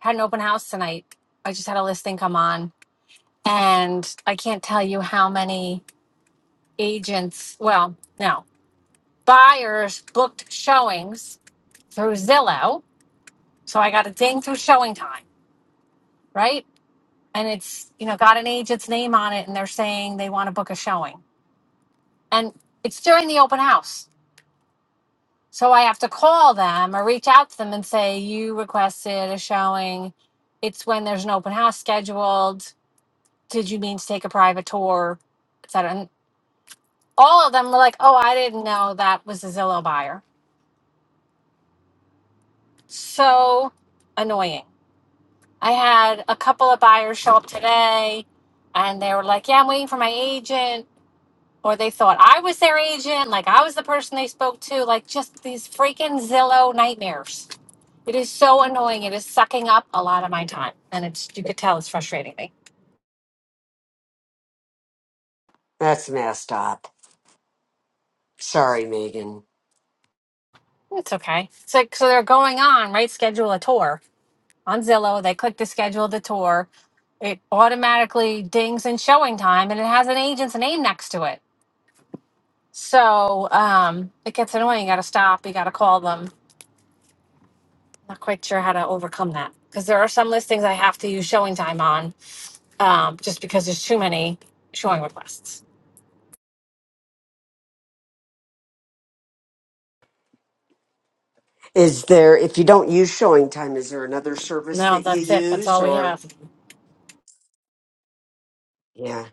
had an open house tonight. I just had a listing come on, and I can't tell you how many agents, well, no, buyers booked showings through Zillow. So I got a ding through showing time, right? And it's, you know, got an agent's name on it, and they're saying they want to book a showing. And it's during the open house. So I have to call them or reach out to them and say, You requested a showing. It's when there's an open house scheduled. Did you mean to take a private tour? Et cetera. And all of them were like, Oh, I didn't know that was a Zillow buyer. So annoying. I had a couple of buyers show up today and they were like, Yeah, I'm waiting for my agent. Or they thought I was their agent, like I was the person they spoke to, like just these freaking Zillow nightmares. It is so annoying. It is sucking up a lot of my time, and it's you could tell it's frustrating me. That's messed up. Sorry, Megan. It's okay. It's like so they're going on right. Schedule a tour on Zillow. They click to schedule the tour. It automatically dings in showing time, and it has an agent's name next to it. So um, it gets annoying. You got to stop. You got to call them. Not quite sure how to overcome that because there are some listings I have to use showing time on um, just because there's too many showing requests. Is there, if you don't use showing time, is there another service No, that you that's it. That's use all we or? have. Yeah.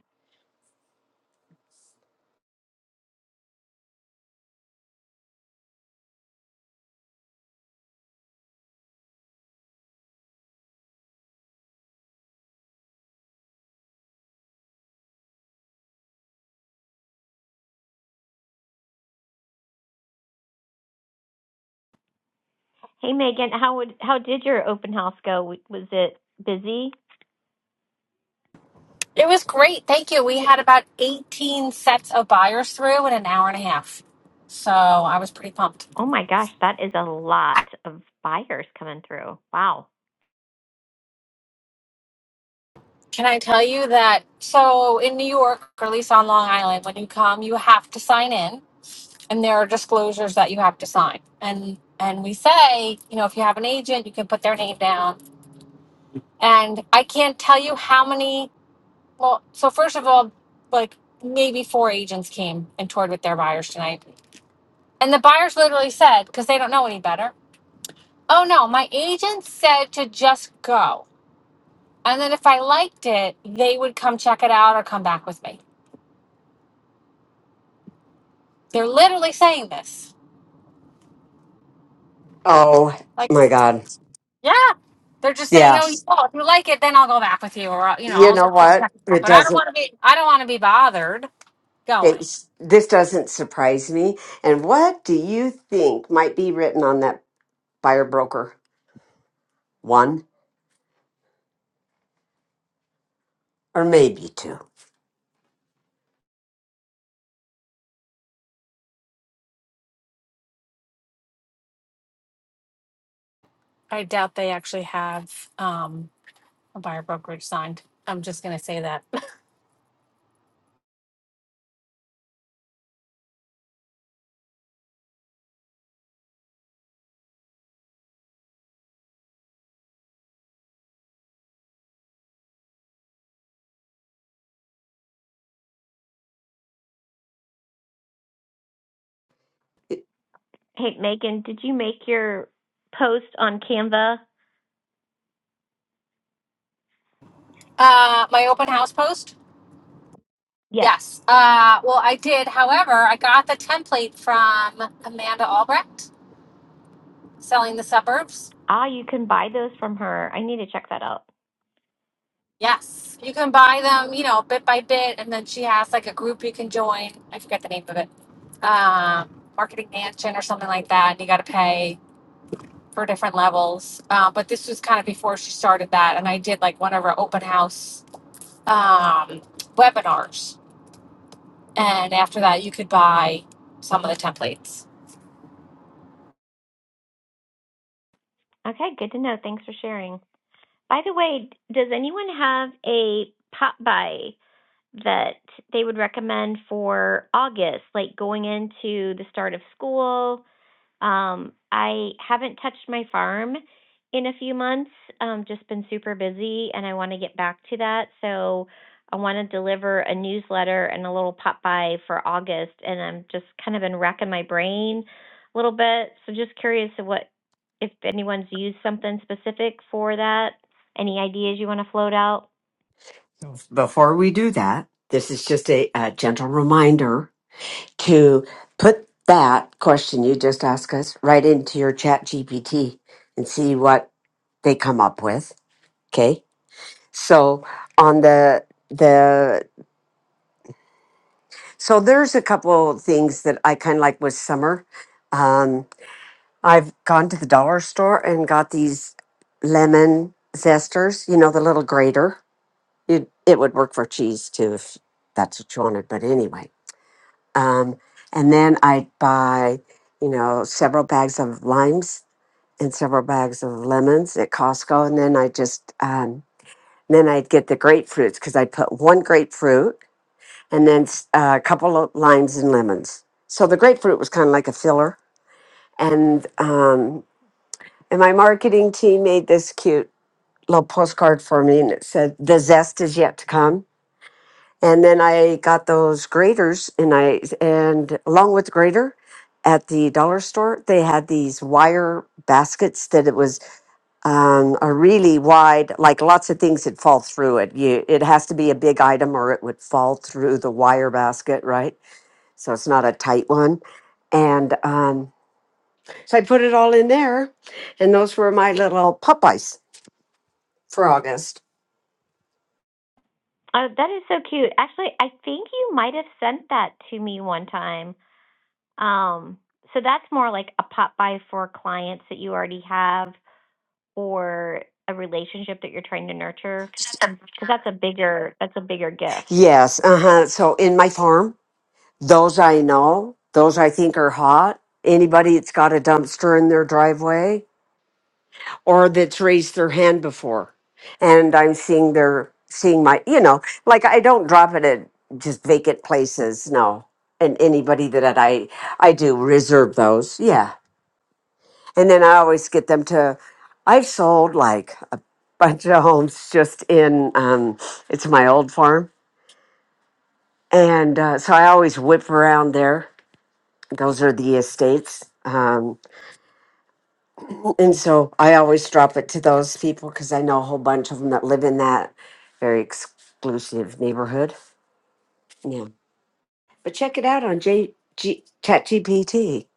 Hey Megan, how would how did your open house go? W- Was it busy? It was great. Thank you. We had about 18 sets of buyers through in an hour and a half. So I was pretty pumped. Oh my gosh, that is a lot of buyers coming through. Wow. Can I tell you that? So in New York, or at least on Long Island, when you come, you have to sign in and there are disclosures that you have to sign. And and we say, you know, if you have an agent, you can put their name down. And I can't tell you how many well, so first of all, like maybe four agents came and toured with their buyers tonight. And the buyers literally said, because they don't know any better, Oh no, my agent said to just go. And then if I liked it, they would come check it out or come back with me. They're literally saying this. Oh Like, my God. yeah. They're just saying, Yeah. "Oh, well, if you like it, then I'll go back with you, or I'll- you know, You I'll know just what? check it out." It But I don't doesn't. want to be, I don't want to be bothered Okay, going. s- this doesn't surprise me. And what do you think might be written on that buyer broker? One or maybe two. I doubt they actually have um, a buyer brokerage signed. I'm just gonna say that. It- Hey Megan, did you make your post on Canva? Uh, my open house post. Yes. Yes. Uh, well, I did. However, I got the template from Amanda Albrecht selling the suburbs. Ah, you can buy those from her. I need to check that out. Yes, you can buy them, you know, bit by bit, and then she has like a group you can join. I forget the name of it, um, Marketing Mansion or something like that. And you got to pay for different levels. Uh, but this was kind of before she started that, and I did like one of her open house um, webinars, and after that, you could buy some of the templates. Okay, good to know. Thanks for sharing. By the way, does anyone have a pop by? that they would recommend for August, like going into the start of school. Um, I haven't touched my farm in a few months, um, just been super busy, and I want to get back to that. So I want to deliver a newsletter and a little pop by for August, and I'm just kind of been racking my brain a little bit. So just curious of what if anyone's used something specific for that. Any ideas you want to float out? Before we do that, this is just a, a gentle reminder to put that question you just asked us right into your chat GPT and see what they come up with. Okay. So on the the so there's a couple things that I kind of like with summer. Um, I've gone to the dollar store and got these lemon zesters. You know the little grater. It it would work for cheese too if that's what you wanted. But anyway, Um, and then I'd buy, you know, several bags of limes and several bags of lemons at Costco. And then I just, um, then I'd get the grapefruits because I'd put one grapefruit and then s- uh, a couple of limes and lemons. So the grapefruit was kind of like a filler. And, um, and my marketing team made this cute little postcard for me and it said, The zest is yet to come And then I got those graters and I and along with the grater at the dollar store, they had these wire baskets that it was um, a really wide, like lots of things that fall through it. You it has to be a big item or it would fall through the wire basket, right? So it's not a tight one. And um, so I put it all in there and those were my little Popeyes for August. Oh, that is so cute. Actually, I think you might have sent that to me one time. Um, so that's more like a pop by for clients that you already have or a relationship that you're trying to nurture because that's a bigger that's a bigger gift. Yes, uh-huh. So in my farm. Those I know, those I think are hot. Anybody that's got a dumpster in their driveway or that's raised their hand before. And I'm seeing their seeing my you know, like I don't drop it at just vacant places, no. And anybody that I I do reserve those. Yeah. And then I always get them to I've sold like a bunch of homes just in um it's my old farm. And uh, so I always whip around there those are the estates. Um, and so I always drop it to those people because I know a whole bunch of them that live in that very exclusive neighborhood. Yeah. But check it out on J- G- ChatGPT.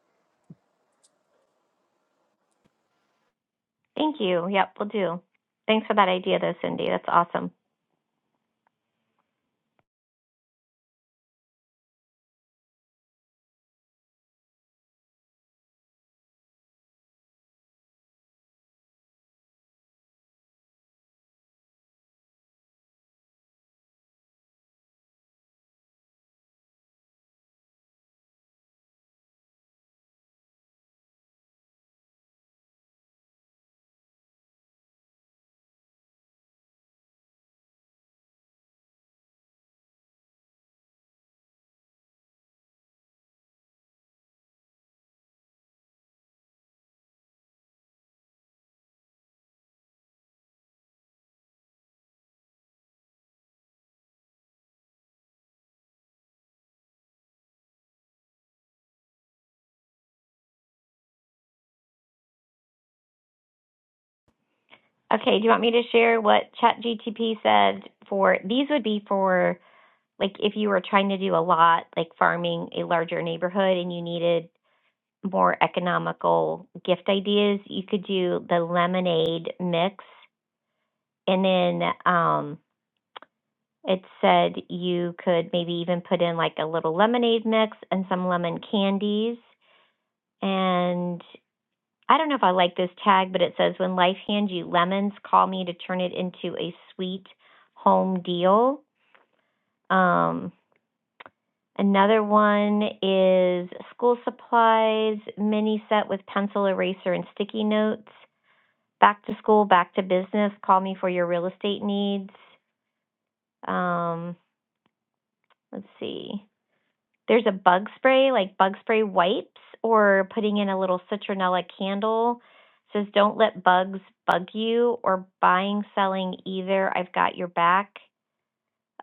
Thank you. Yep, we'll do. Thanks for that idea though, Cindy. That's awesome. Okay, do you want me to share what ChatGTP said for these would be for like if you were trying to do a lot like farming a larger neighborhood and you needed more economical gift ideas, you could do the lemonade mix. And then um, it said you could maybe even put in like a little lemonade mix and some lemon candies. And I don't know if I like this tag, but it says, When life hands you lemons, call me to turn it into a sweet home deal. Um, Another one is school supplies mini set with pencil eraser and sticky notes. back to school, back to business. Call me for your real estate needs. Um, let's see. There's a bug spray, like bug spray wipes, or putting in a little citronella candle. It says don't let bugs bug you, or buying, selling either. I've got your back.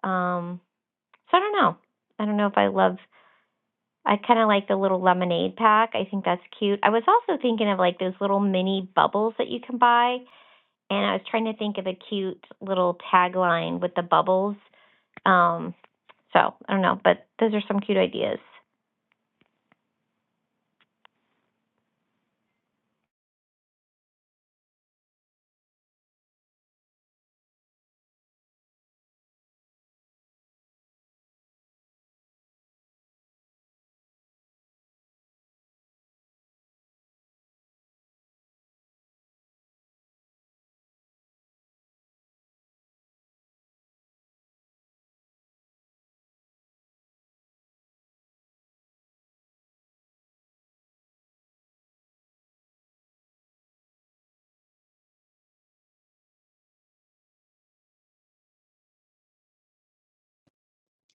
Um, so I don't know. I don't know if I love. I kind of like the little lemonade pack. I think that's cute. I was also thinking of like those little mini bubbles that you can buy and I was trying to think of a cute little tagline with the bubbles. Um, so I don't know, but those are some cute ideas.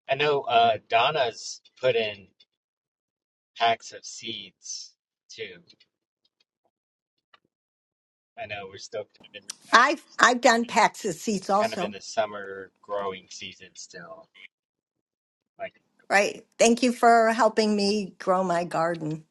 I know uh, Donna's put in packs of seeds too. I know we're still kind of in, I've I've done packs of seats kind of in also. the summer growing season still. Like, Right. Thank you for helping me grow my garden.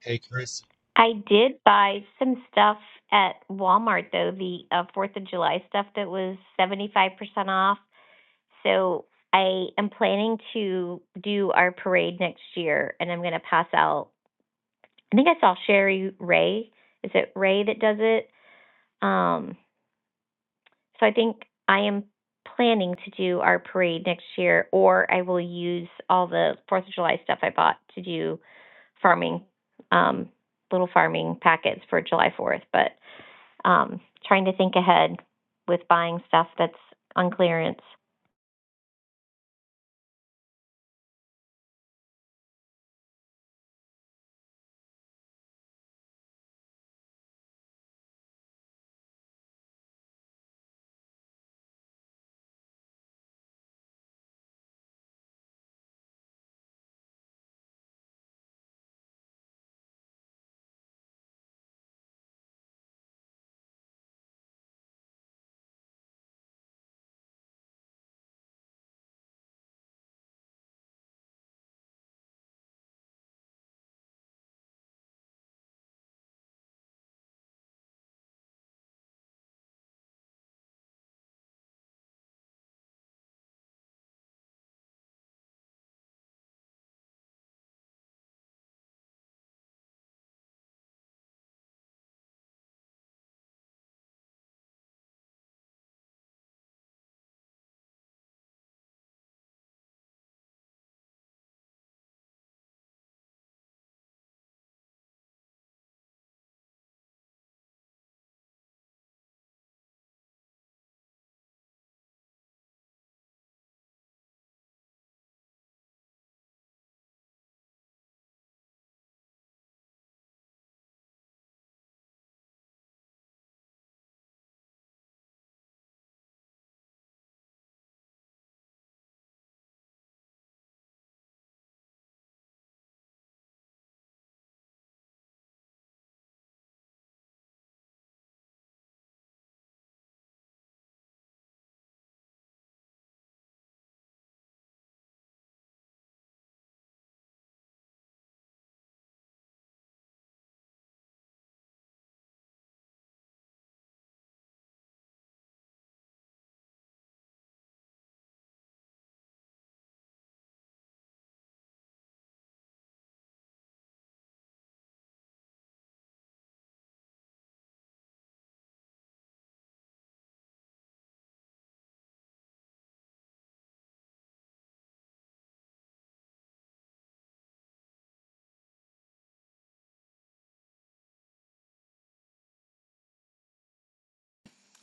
hey, Chris, I did buy some stuff at Walmart though, the uh, Fourth of July stuff that was seventy five percent off. So I am planning to do our parade next year, and I'm going to pass out. I think I saw Sherry Ray. Is it Ray that does it? Um, So I think I am planning to do our parade next year, or I will use all the Fourth of July stuff I bought to do farming, um, little farming packets for July Fourth. But um, trying to think ahead with buying stuff that's on clearance.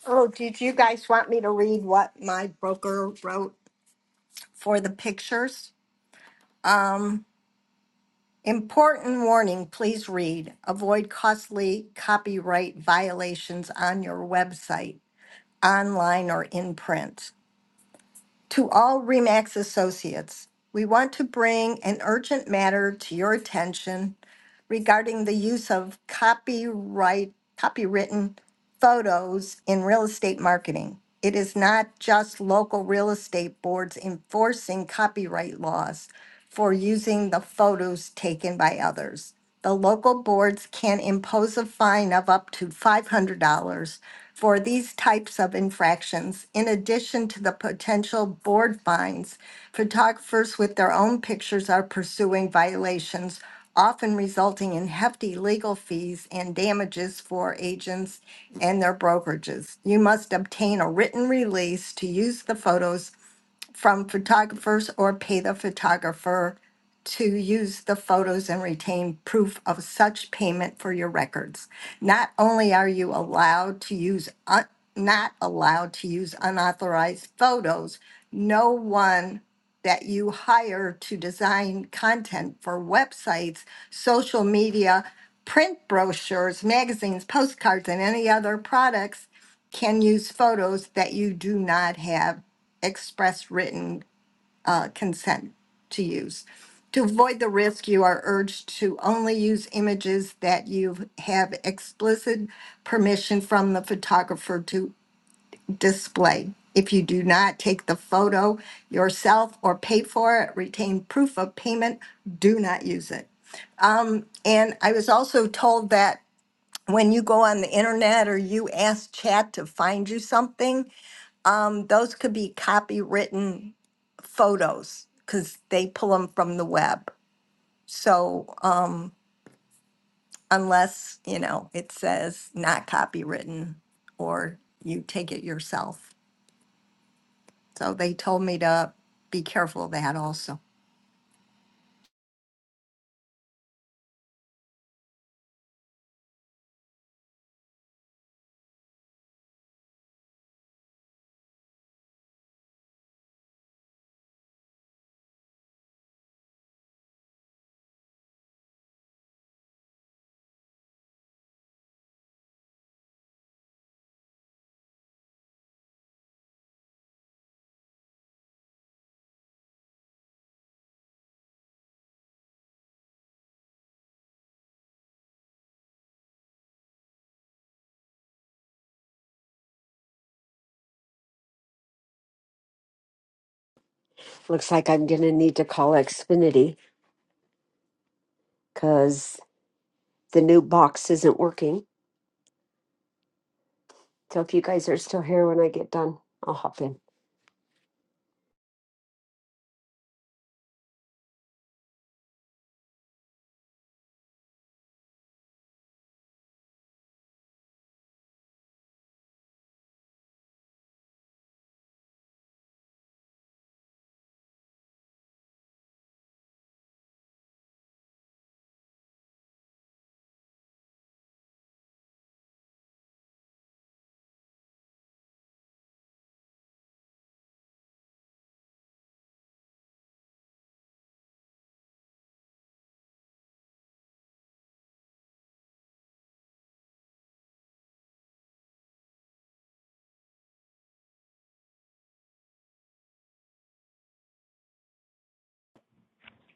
Oh, did you guys want me to read what my broker wrote for the pictures? Um, important warning, please read. Avoid costly copyright violations on your website, online or in print. To all REMAX associates, we want to bring an urgent matter to your attention regarding the use of copyright, copywritten photos in real estate marketing. It is not just local real estate boards enforcing copyright laws for using the photos taken by others. The local boards can impose a fine of up to $500 for these types of infractions. In addition to the potential board fines, photographers with their own pictures are pursuing violations, often resulting in hefty legal fees and damages for agents and their brokerages. You must obtain a written release to use the photos from photographers or pay the photographer to use the photos and retain proof of such payment for your records. Not only are you allowed to use, un- not allowed to use unauthorized photos, no one that you hire to design content for websites, social media, print brochures, magazines, postcards, and any other products can use photos that you do not have express written uh, consent to use. To avoid the risk, you are urged to only use images that you have explicit permission from the photographer to display. If you do not take the photo yourself or pay for it, retain proof of payment, do not use it. And I was also told that when you go on the internet or you ask chat to find you something, um, those could be copywritten photos because they pull them from the web. So um, unless, you know, it says not copywritten or you take it yourself. So they told me to be careful of that also. Looks like I'm going to need to call Xfinity because the new box isn't working. So if you guys are still here when I get done, I'll hop in.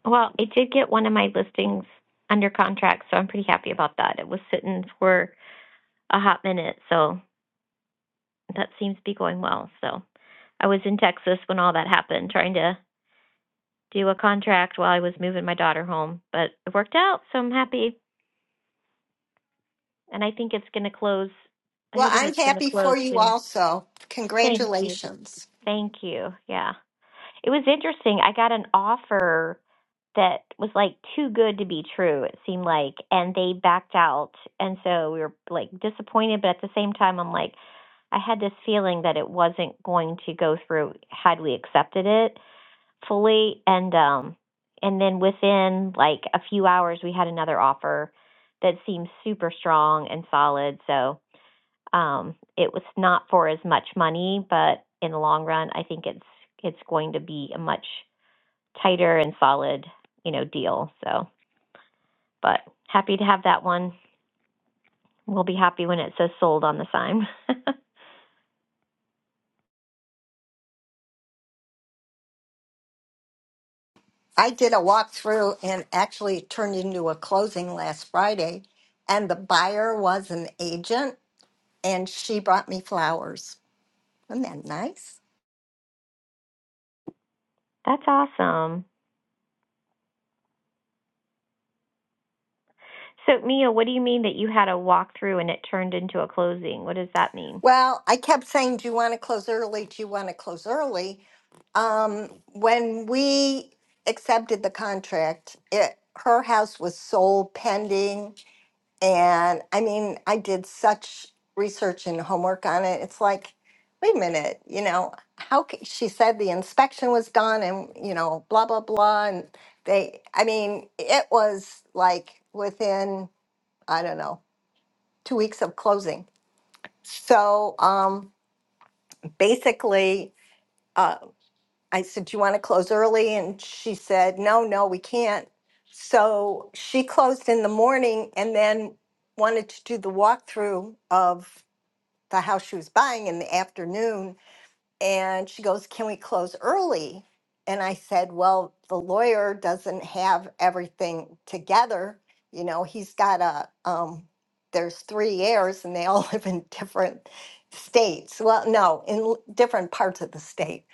Well, I did get one of my listings under contract, so I'm pretty happy about that. It was sitting for a hot minute, so that seems to be going well. So I was in Texas when all that happened, trying to do a contract while I was moving my daughter home, but it worked out, so I'm happy. And I think it's going to close. I Well, think I'm it's going to happy close for you soon. also. Thank you. Congratulations. Thank you. Yeah. It was interesting. I got an offer that was like too good to be true, it seemed like, and they backed out. And so we were like disappointed, but at the same time, I'm like, I had this feeling that it wasn't going to go through had we accepted it. fully and um and then within like a few hours we had another offer that seemed super strong and solid so um it was not for as much money but in the long run i think it's it's going to be a much tighter and solid you know deal so but happy to have that one we'll be happy when it says sold on the sign I did a walkthrough and actually it turned into a closing last Friday. And the buyer was an agent and she brought me flowers. Isn't that nice? that's awesome so mia what do you mean that you had a walkthrough and it turned into a closing what does that mean Well, I kept saying, do you want to close early? Do you want to close early? Um, when we accepted the contract, it, her house was sold pending. And I mean, I did such research and homework on it. It's like, wait a minute, you know, how ca- she said the inspection was done and, you know, blah, blah, blah. And they, I mean, it was like within, I don't know, two weeks of closing. So, um, basically, uh, I said, Do you want to close early? And she said, No, no, we can't. So she closed in the morning and then wanted to do the walkthrough of the house she was buying in the afternoon. And she goes, Can we close early? And I said, Well, the lawyer doesn't have everything together. You know, he's got a, um, there's three heirs and they all live in different states. Well, no, in l- different parts of the state.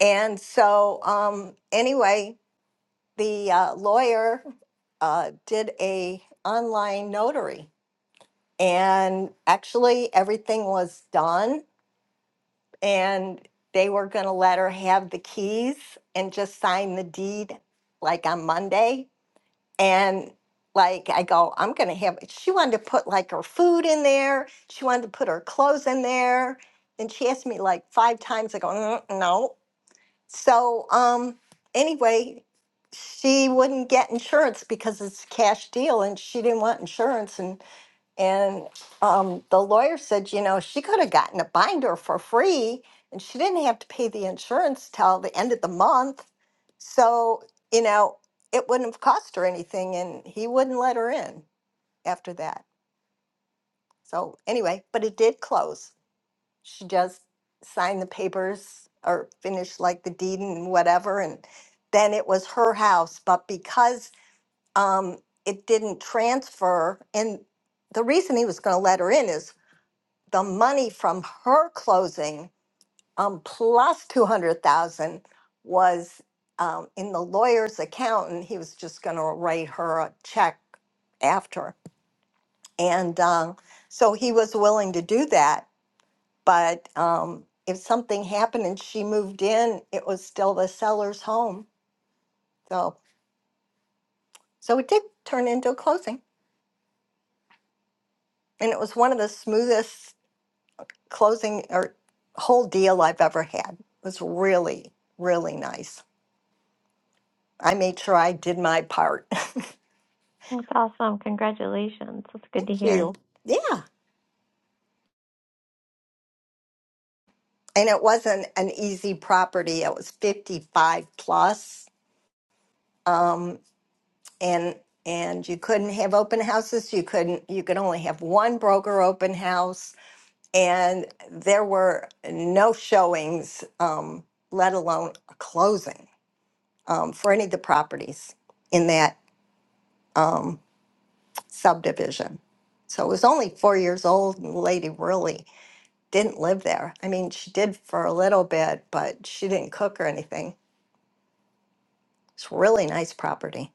And so, um, anyway, the uh, lawyer uh, did a online notary and actually everything was done and they were going to let her have the keys and just sign the deed like on Monday. And like I go, I'm going to have, she wanted to put like her food in there. She wanted to put her clothes in there. And she asked me like five times. I go, "Mm, no. So um, anyway, she wouldn't get insurance because it's a cash deal and she didn't want insurance. And and um, the lawyer said, you know, she could have gotten a binder for free and she didn't have to pay the insurance till the end of the month. So, you know, it wouldn't have cost her anything and he wouldn't let her in after that. So, anyway, but it did close. She just signed the papers or finished like the deed and whatever. And then it was her house. But because um, it didn't transfer, and the reason he was going to let her in is the money from her closing um, plus 200000 was um, in the lawyer's account and he was just going to write her a check after and uh, so he was willing to do that but um, if something happened and she moved in it was still the seller's home so so it did turn into a closing and it was one of the smoothest closing or whole deal i've ever had it was really really nice I made sure I did my part. Thank That's awesome. Congratulations. That's good to hear. you. Yeah. And it wasn't an easy property. It was 55 plus. Um, and and you couldn't have open houses. You couldn't you could only have one broker open house. And there were no showings, um, let alone a closing, um, for any of the properties in that um, subdivision. So it was only four years old and the lady really didn't live there. I mean, she did for a little bit, but she didn't cook or anything. It's really nice property.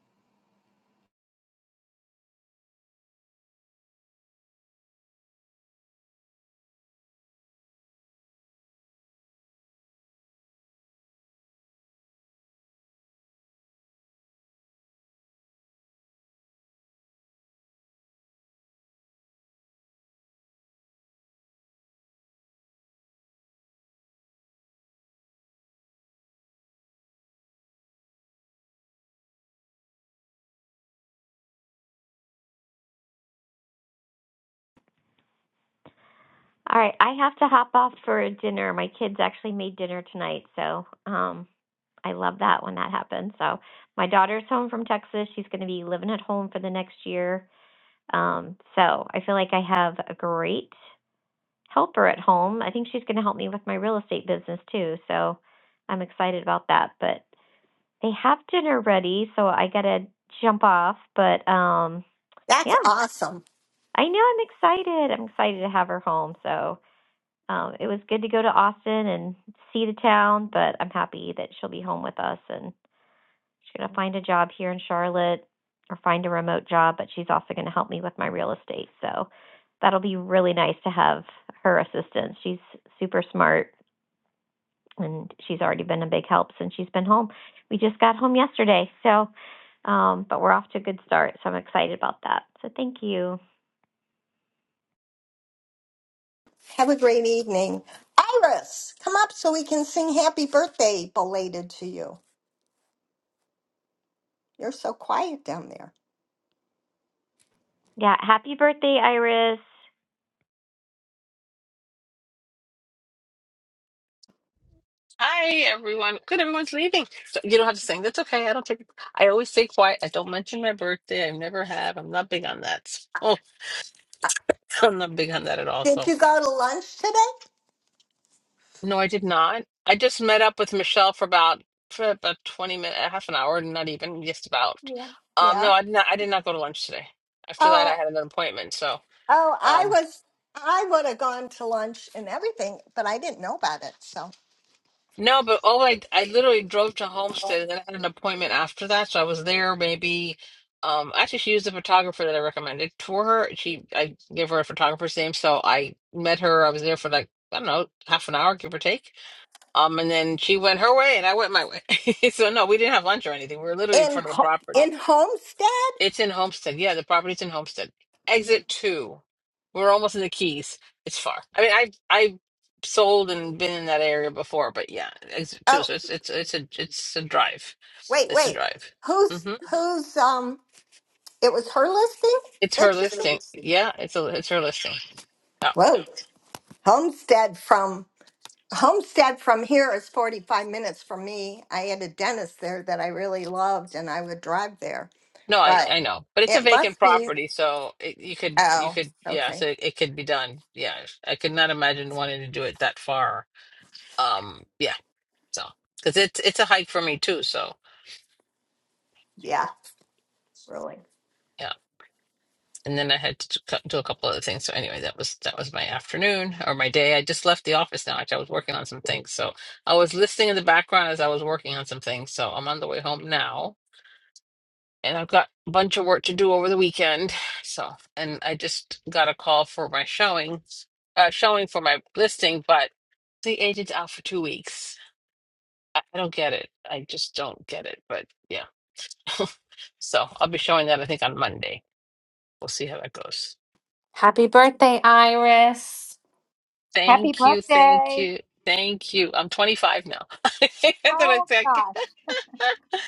All right, I have to hop off for dinner. My kids actually made dinner tonight, so um I love that when that happens. So my daughter's home from Texas. She's going to be living at home for the next year. Um so I feel like I have a great helper at home. I think she's going to help me with my real estate business too. So I'm excited about that, but they have dinner ready, so I got to jump off, but um That's yeah, awesome. I know I'm excited. I'm excited to have her home. So um, it was good to go to Austin and see the town, but I'm happy that she'll be home with us and she's going to find a job here in Charlotte or find a remote job, but she's also going to help me with my real estate. So that'll be really nice to have her assistance. She's super smart and she's already been a big help since she's been home. We just got home yesterday. So, um, but we're off to a good start. So I'm excited about that. So thank you. Have a great evening. Iris, come up so we can sing happy birthday belated to you. You're so quiet down there. Yeah, happy birthday, Iris. Hi everyone. Good, everyone's leaving. So you don't have to sing. That's okay. I don't take. I always stay quiet. I don't mention my birthday. I never have. I'm not big on that. Oh, I'm not big on that at all. Did So you go to lunch today? no, I did not. I just met up with Michelle for about for about twenty minutes, half an hour, not even just about. Yeah. Um, Yeah. no, I did not. I did not go to lunch today. After that, Oh, I had an appointment. So. oh, I um. was I would have gone to lunch and everything, but I didn't know about it. So, No, but all I I literally drove to Homestead and then I had an appointment after that, so I was there maybe. Um, actually, she used a photographer that I recommended for her. She I gave her a photographer's name, so I met her. I was there for like I don't know half an hour, give or take. Um, and then she went her way and I went my way. So no, we didn't have lunch or anything. We were literally in in front of the Ho- property. in Homestead? It's in Homestead. Yeah, the property's in Homestead. Exit two. We're almost in the Keys. It's far. I mean, I I sold and been in that area before, but yeah, exit two. Oh, So it's it's it's a it's a drive. wait, It's a wait. drive. Who's hmm who's um It was her listing? It's That her just listing. Yeah, it's a it's her listing. No, Whoa. Homestead from Homestead from here is 45 minutes from me. I had a dentist there that I really loved and I would drive there. no, I But I know, but it's a it vacant must be property, so it, you could you oh, could yeah, okay. so it, it could be done. Yeah, I could not imagine wanting to do it that far. Um, yeah, so because it's it's a hike for me too. So. Yeah, really. yeah. and then I had to do do a couple other things. So anyway, that was that was my afternoon or my day. I just left the office now. Actually, I was working on some things, so I was listening in the background as I was working on some things. So I'm on the way home now, and I've got a bunch of work to do over the weekend. So and I just got a call for my showing, uh, showing for my listing, but the agent's out for two weeks. I I don't get it. I just don't get it. But yeah, so I'll be showing that I think on Monday. We'll see how that goes. Happy birthday, Iris! Happy Thank you, thank birthday. you, thank you. I'm 25 now. And then I Oh think, gosh,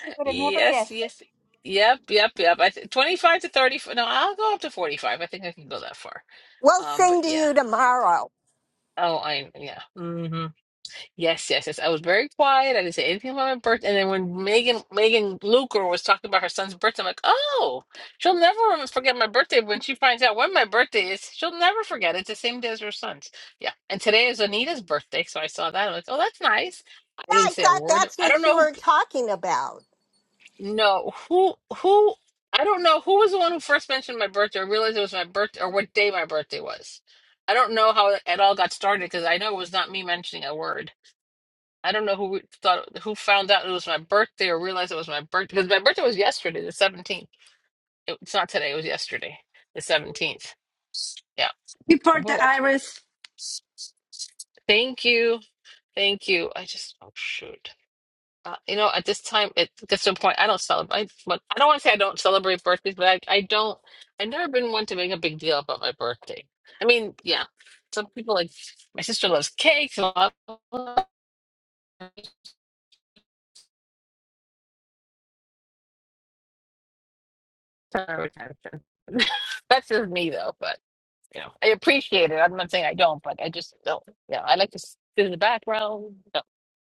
could have never yes, guessed it. yes, yep, yep, yep. I th 25 to 30. No, I'll go up to 45. I think I can go that far. We'll Um, but sing to yeah. you tomorrow. Oh, I yeah. hmm Yes, yes, yes. I was very quiet. I didn't say anything about my birth. And then when Megan, Megan Luker was talking about her son's birthday, I'm like, oh, she'll never rem- forget my birthday. When she finds out when my birthday is, she'll never forget. It's the same day as her son's. Yeah. And today is Anita's birthday, so I saw that. I'm like, oh, that's nice. I Yeah, didn't I say a thought word. that's I don't what you know. Who, were talking about. no, who, who? I don't know who was the one who first mentioned my birthday or realized it was my birthday or what day my birthday was. I don't know how it all got started because I know it was not me mentioning a word. I don't know who we thought who found out it was my birthday or realized it was my birthday because my birthday was yesterday, the seventeenth. It- It's not today; it was yesterday, the seventeenth. Yeah. Before the Whoa. Iris, Thank you, thank you. I just oh shoot. Uh, you know, at this time, it gets to a point I don't celebrate. But I don't want to say I don't celebrate birthdays, but I I don't. I've never been one to make a big deal about my birthday. I mean, yeah, some people like my sister loves cakes. and all that. That's just me though, but. You know, I appreciate it. I'm not saying I don't, but I just don't. You know, I like to s- sit in the background, no,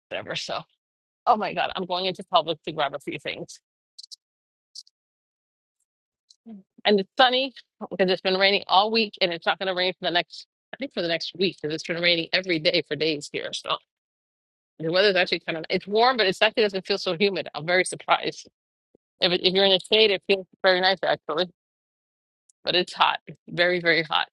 whatever. So, oh my God, I'm going into Publix to grab a few things. And it's sunny because it's been raining all week, and it's not going to rain for the next, I think, for the next week because it's been raining every day for days here. So the weather's actually kind of, it's warm, but it's actually doesn't feel so humid. I'm very surprised. If, it- if you're in the shade, it feels very nice actually, but it's hot, very, very hot.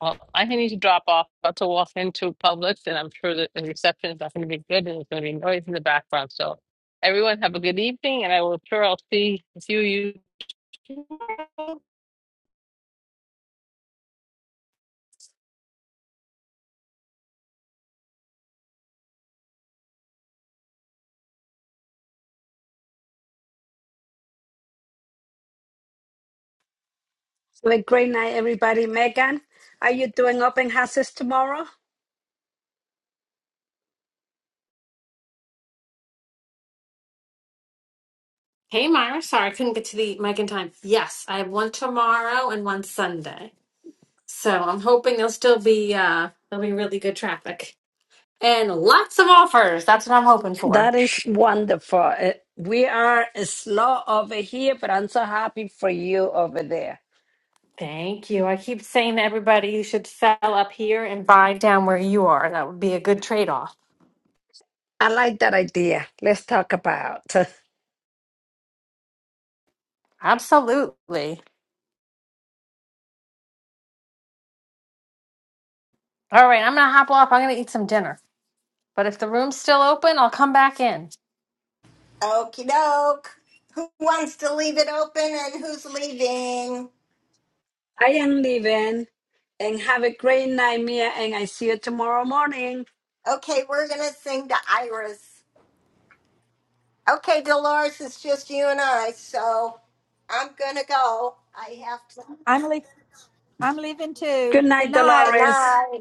Well, I need to drop off. About to walk into Publix, and I'm sure that the reception is not going to be good, and there's going to be noise in the background. So, everyone, have a good evening, and I will sure I'll see a few you. have a great night, everybody. Megan, are you doing open houses tomorrow? Hey, Myra. Sorry, I couldn't get to the mic in time. Yes, I have one tomorrow and one Sunday. So I'm hoping there'll still be uh there'll be really good traffic and lots of offers. That's what I'm hoping for. That is wonderful. Uh, We are slow over here, but I'm so happy for you over there. Thank you. I keep saying to everybody you should sell up here and buy down where you are. That would be a good trade-off. I like that idea. Let's talk about. I Absolutely. All right, I'm gonna hop off. I'm gonna eat some dinner. But if the room's still open, I'll come back in. Okie doke. Who wants to leave it open and who's leaving? am leaving, and have a great night, Mia, and I see you tomorrow morning. Okay, we're gonna sing to Iris. Okay, Dolores, it's just you and I, so I'm gonna go. I have to. I'm le- I'm leaving too. Good Good night, night. Good Dolores. night.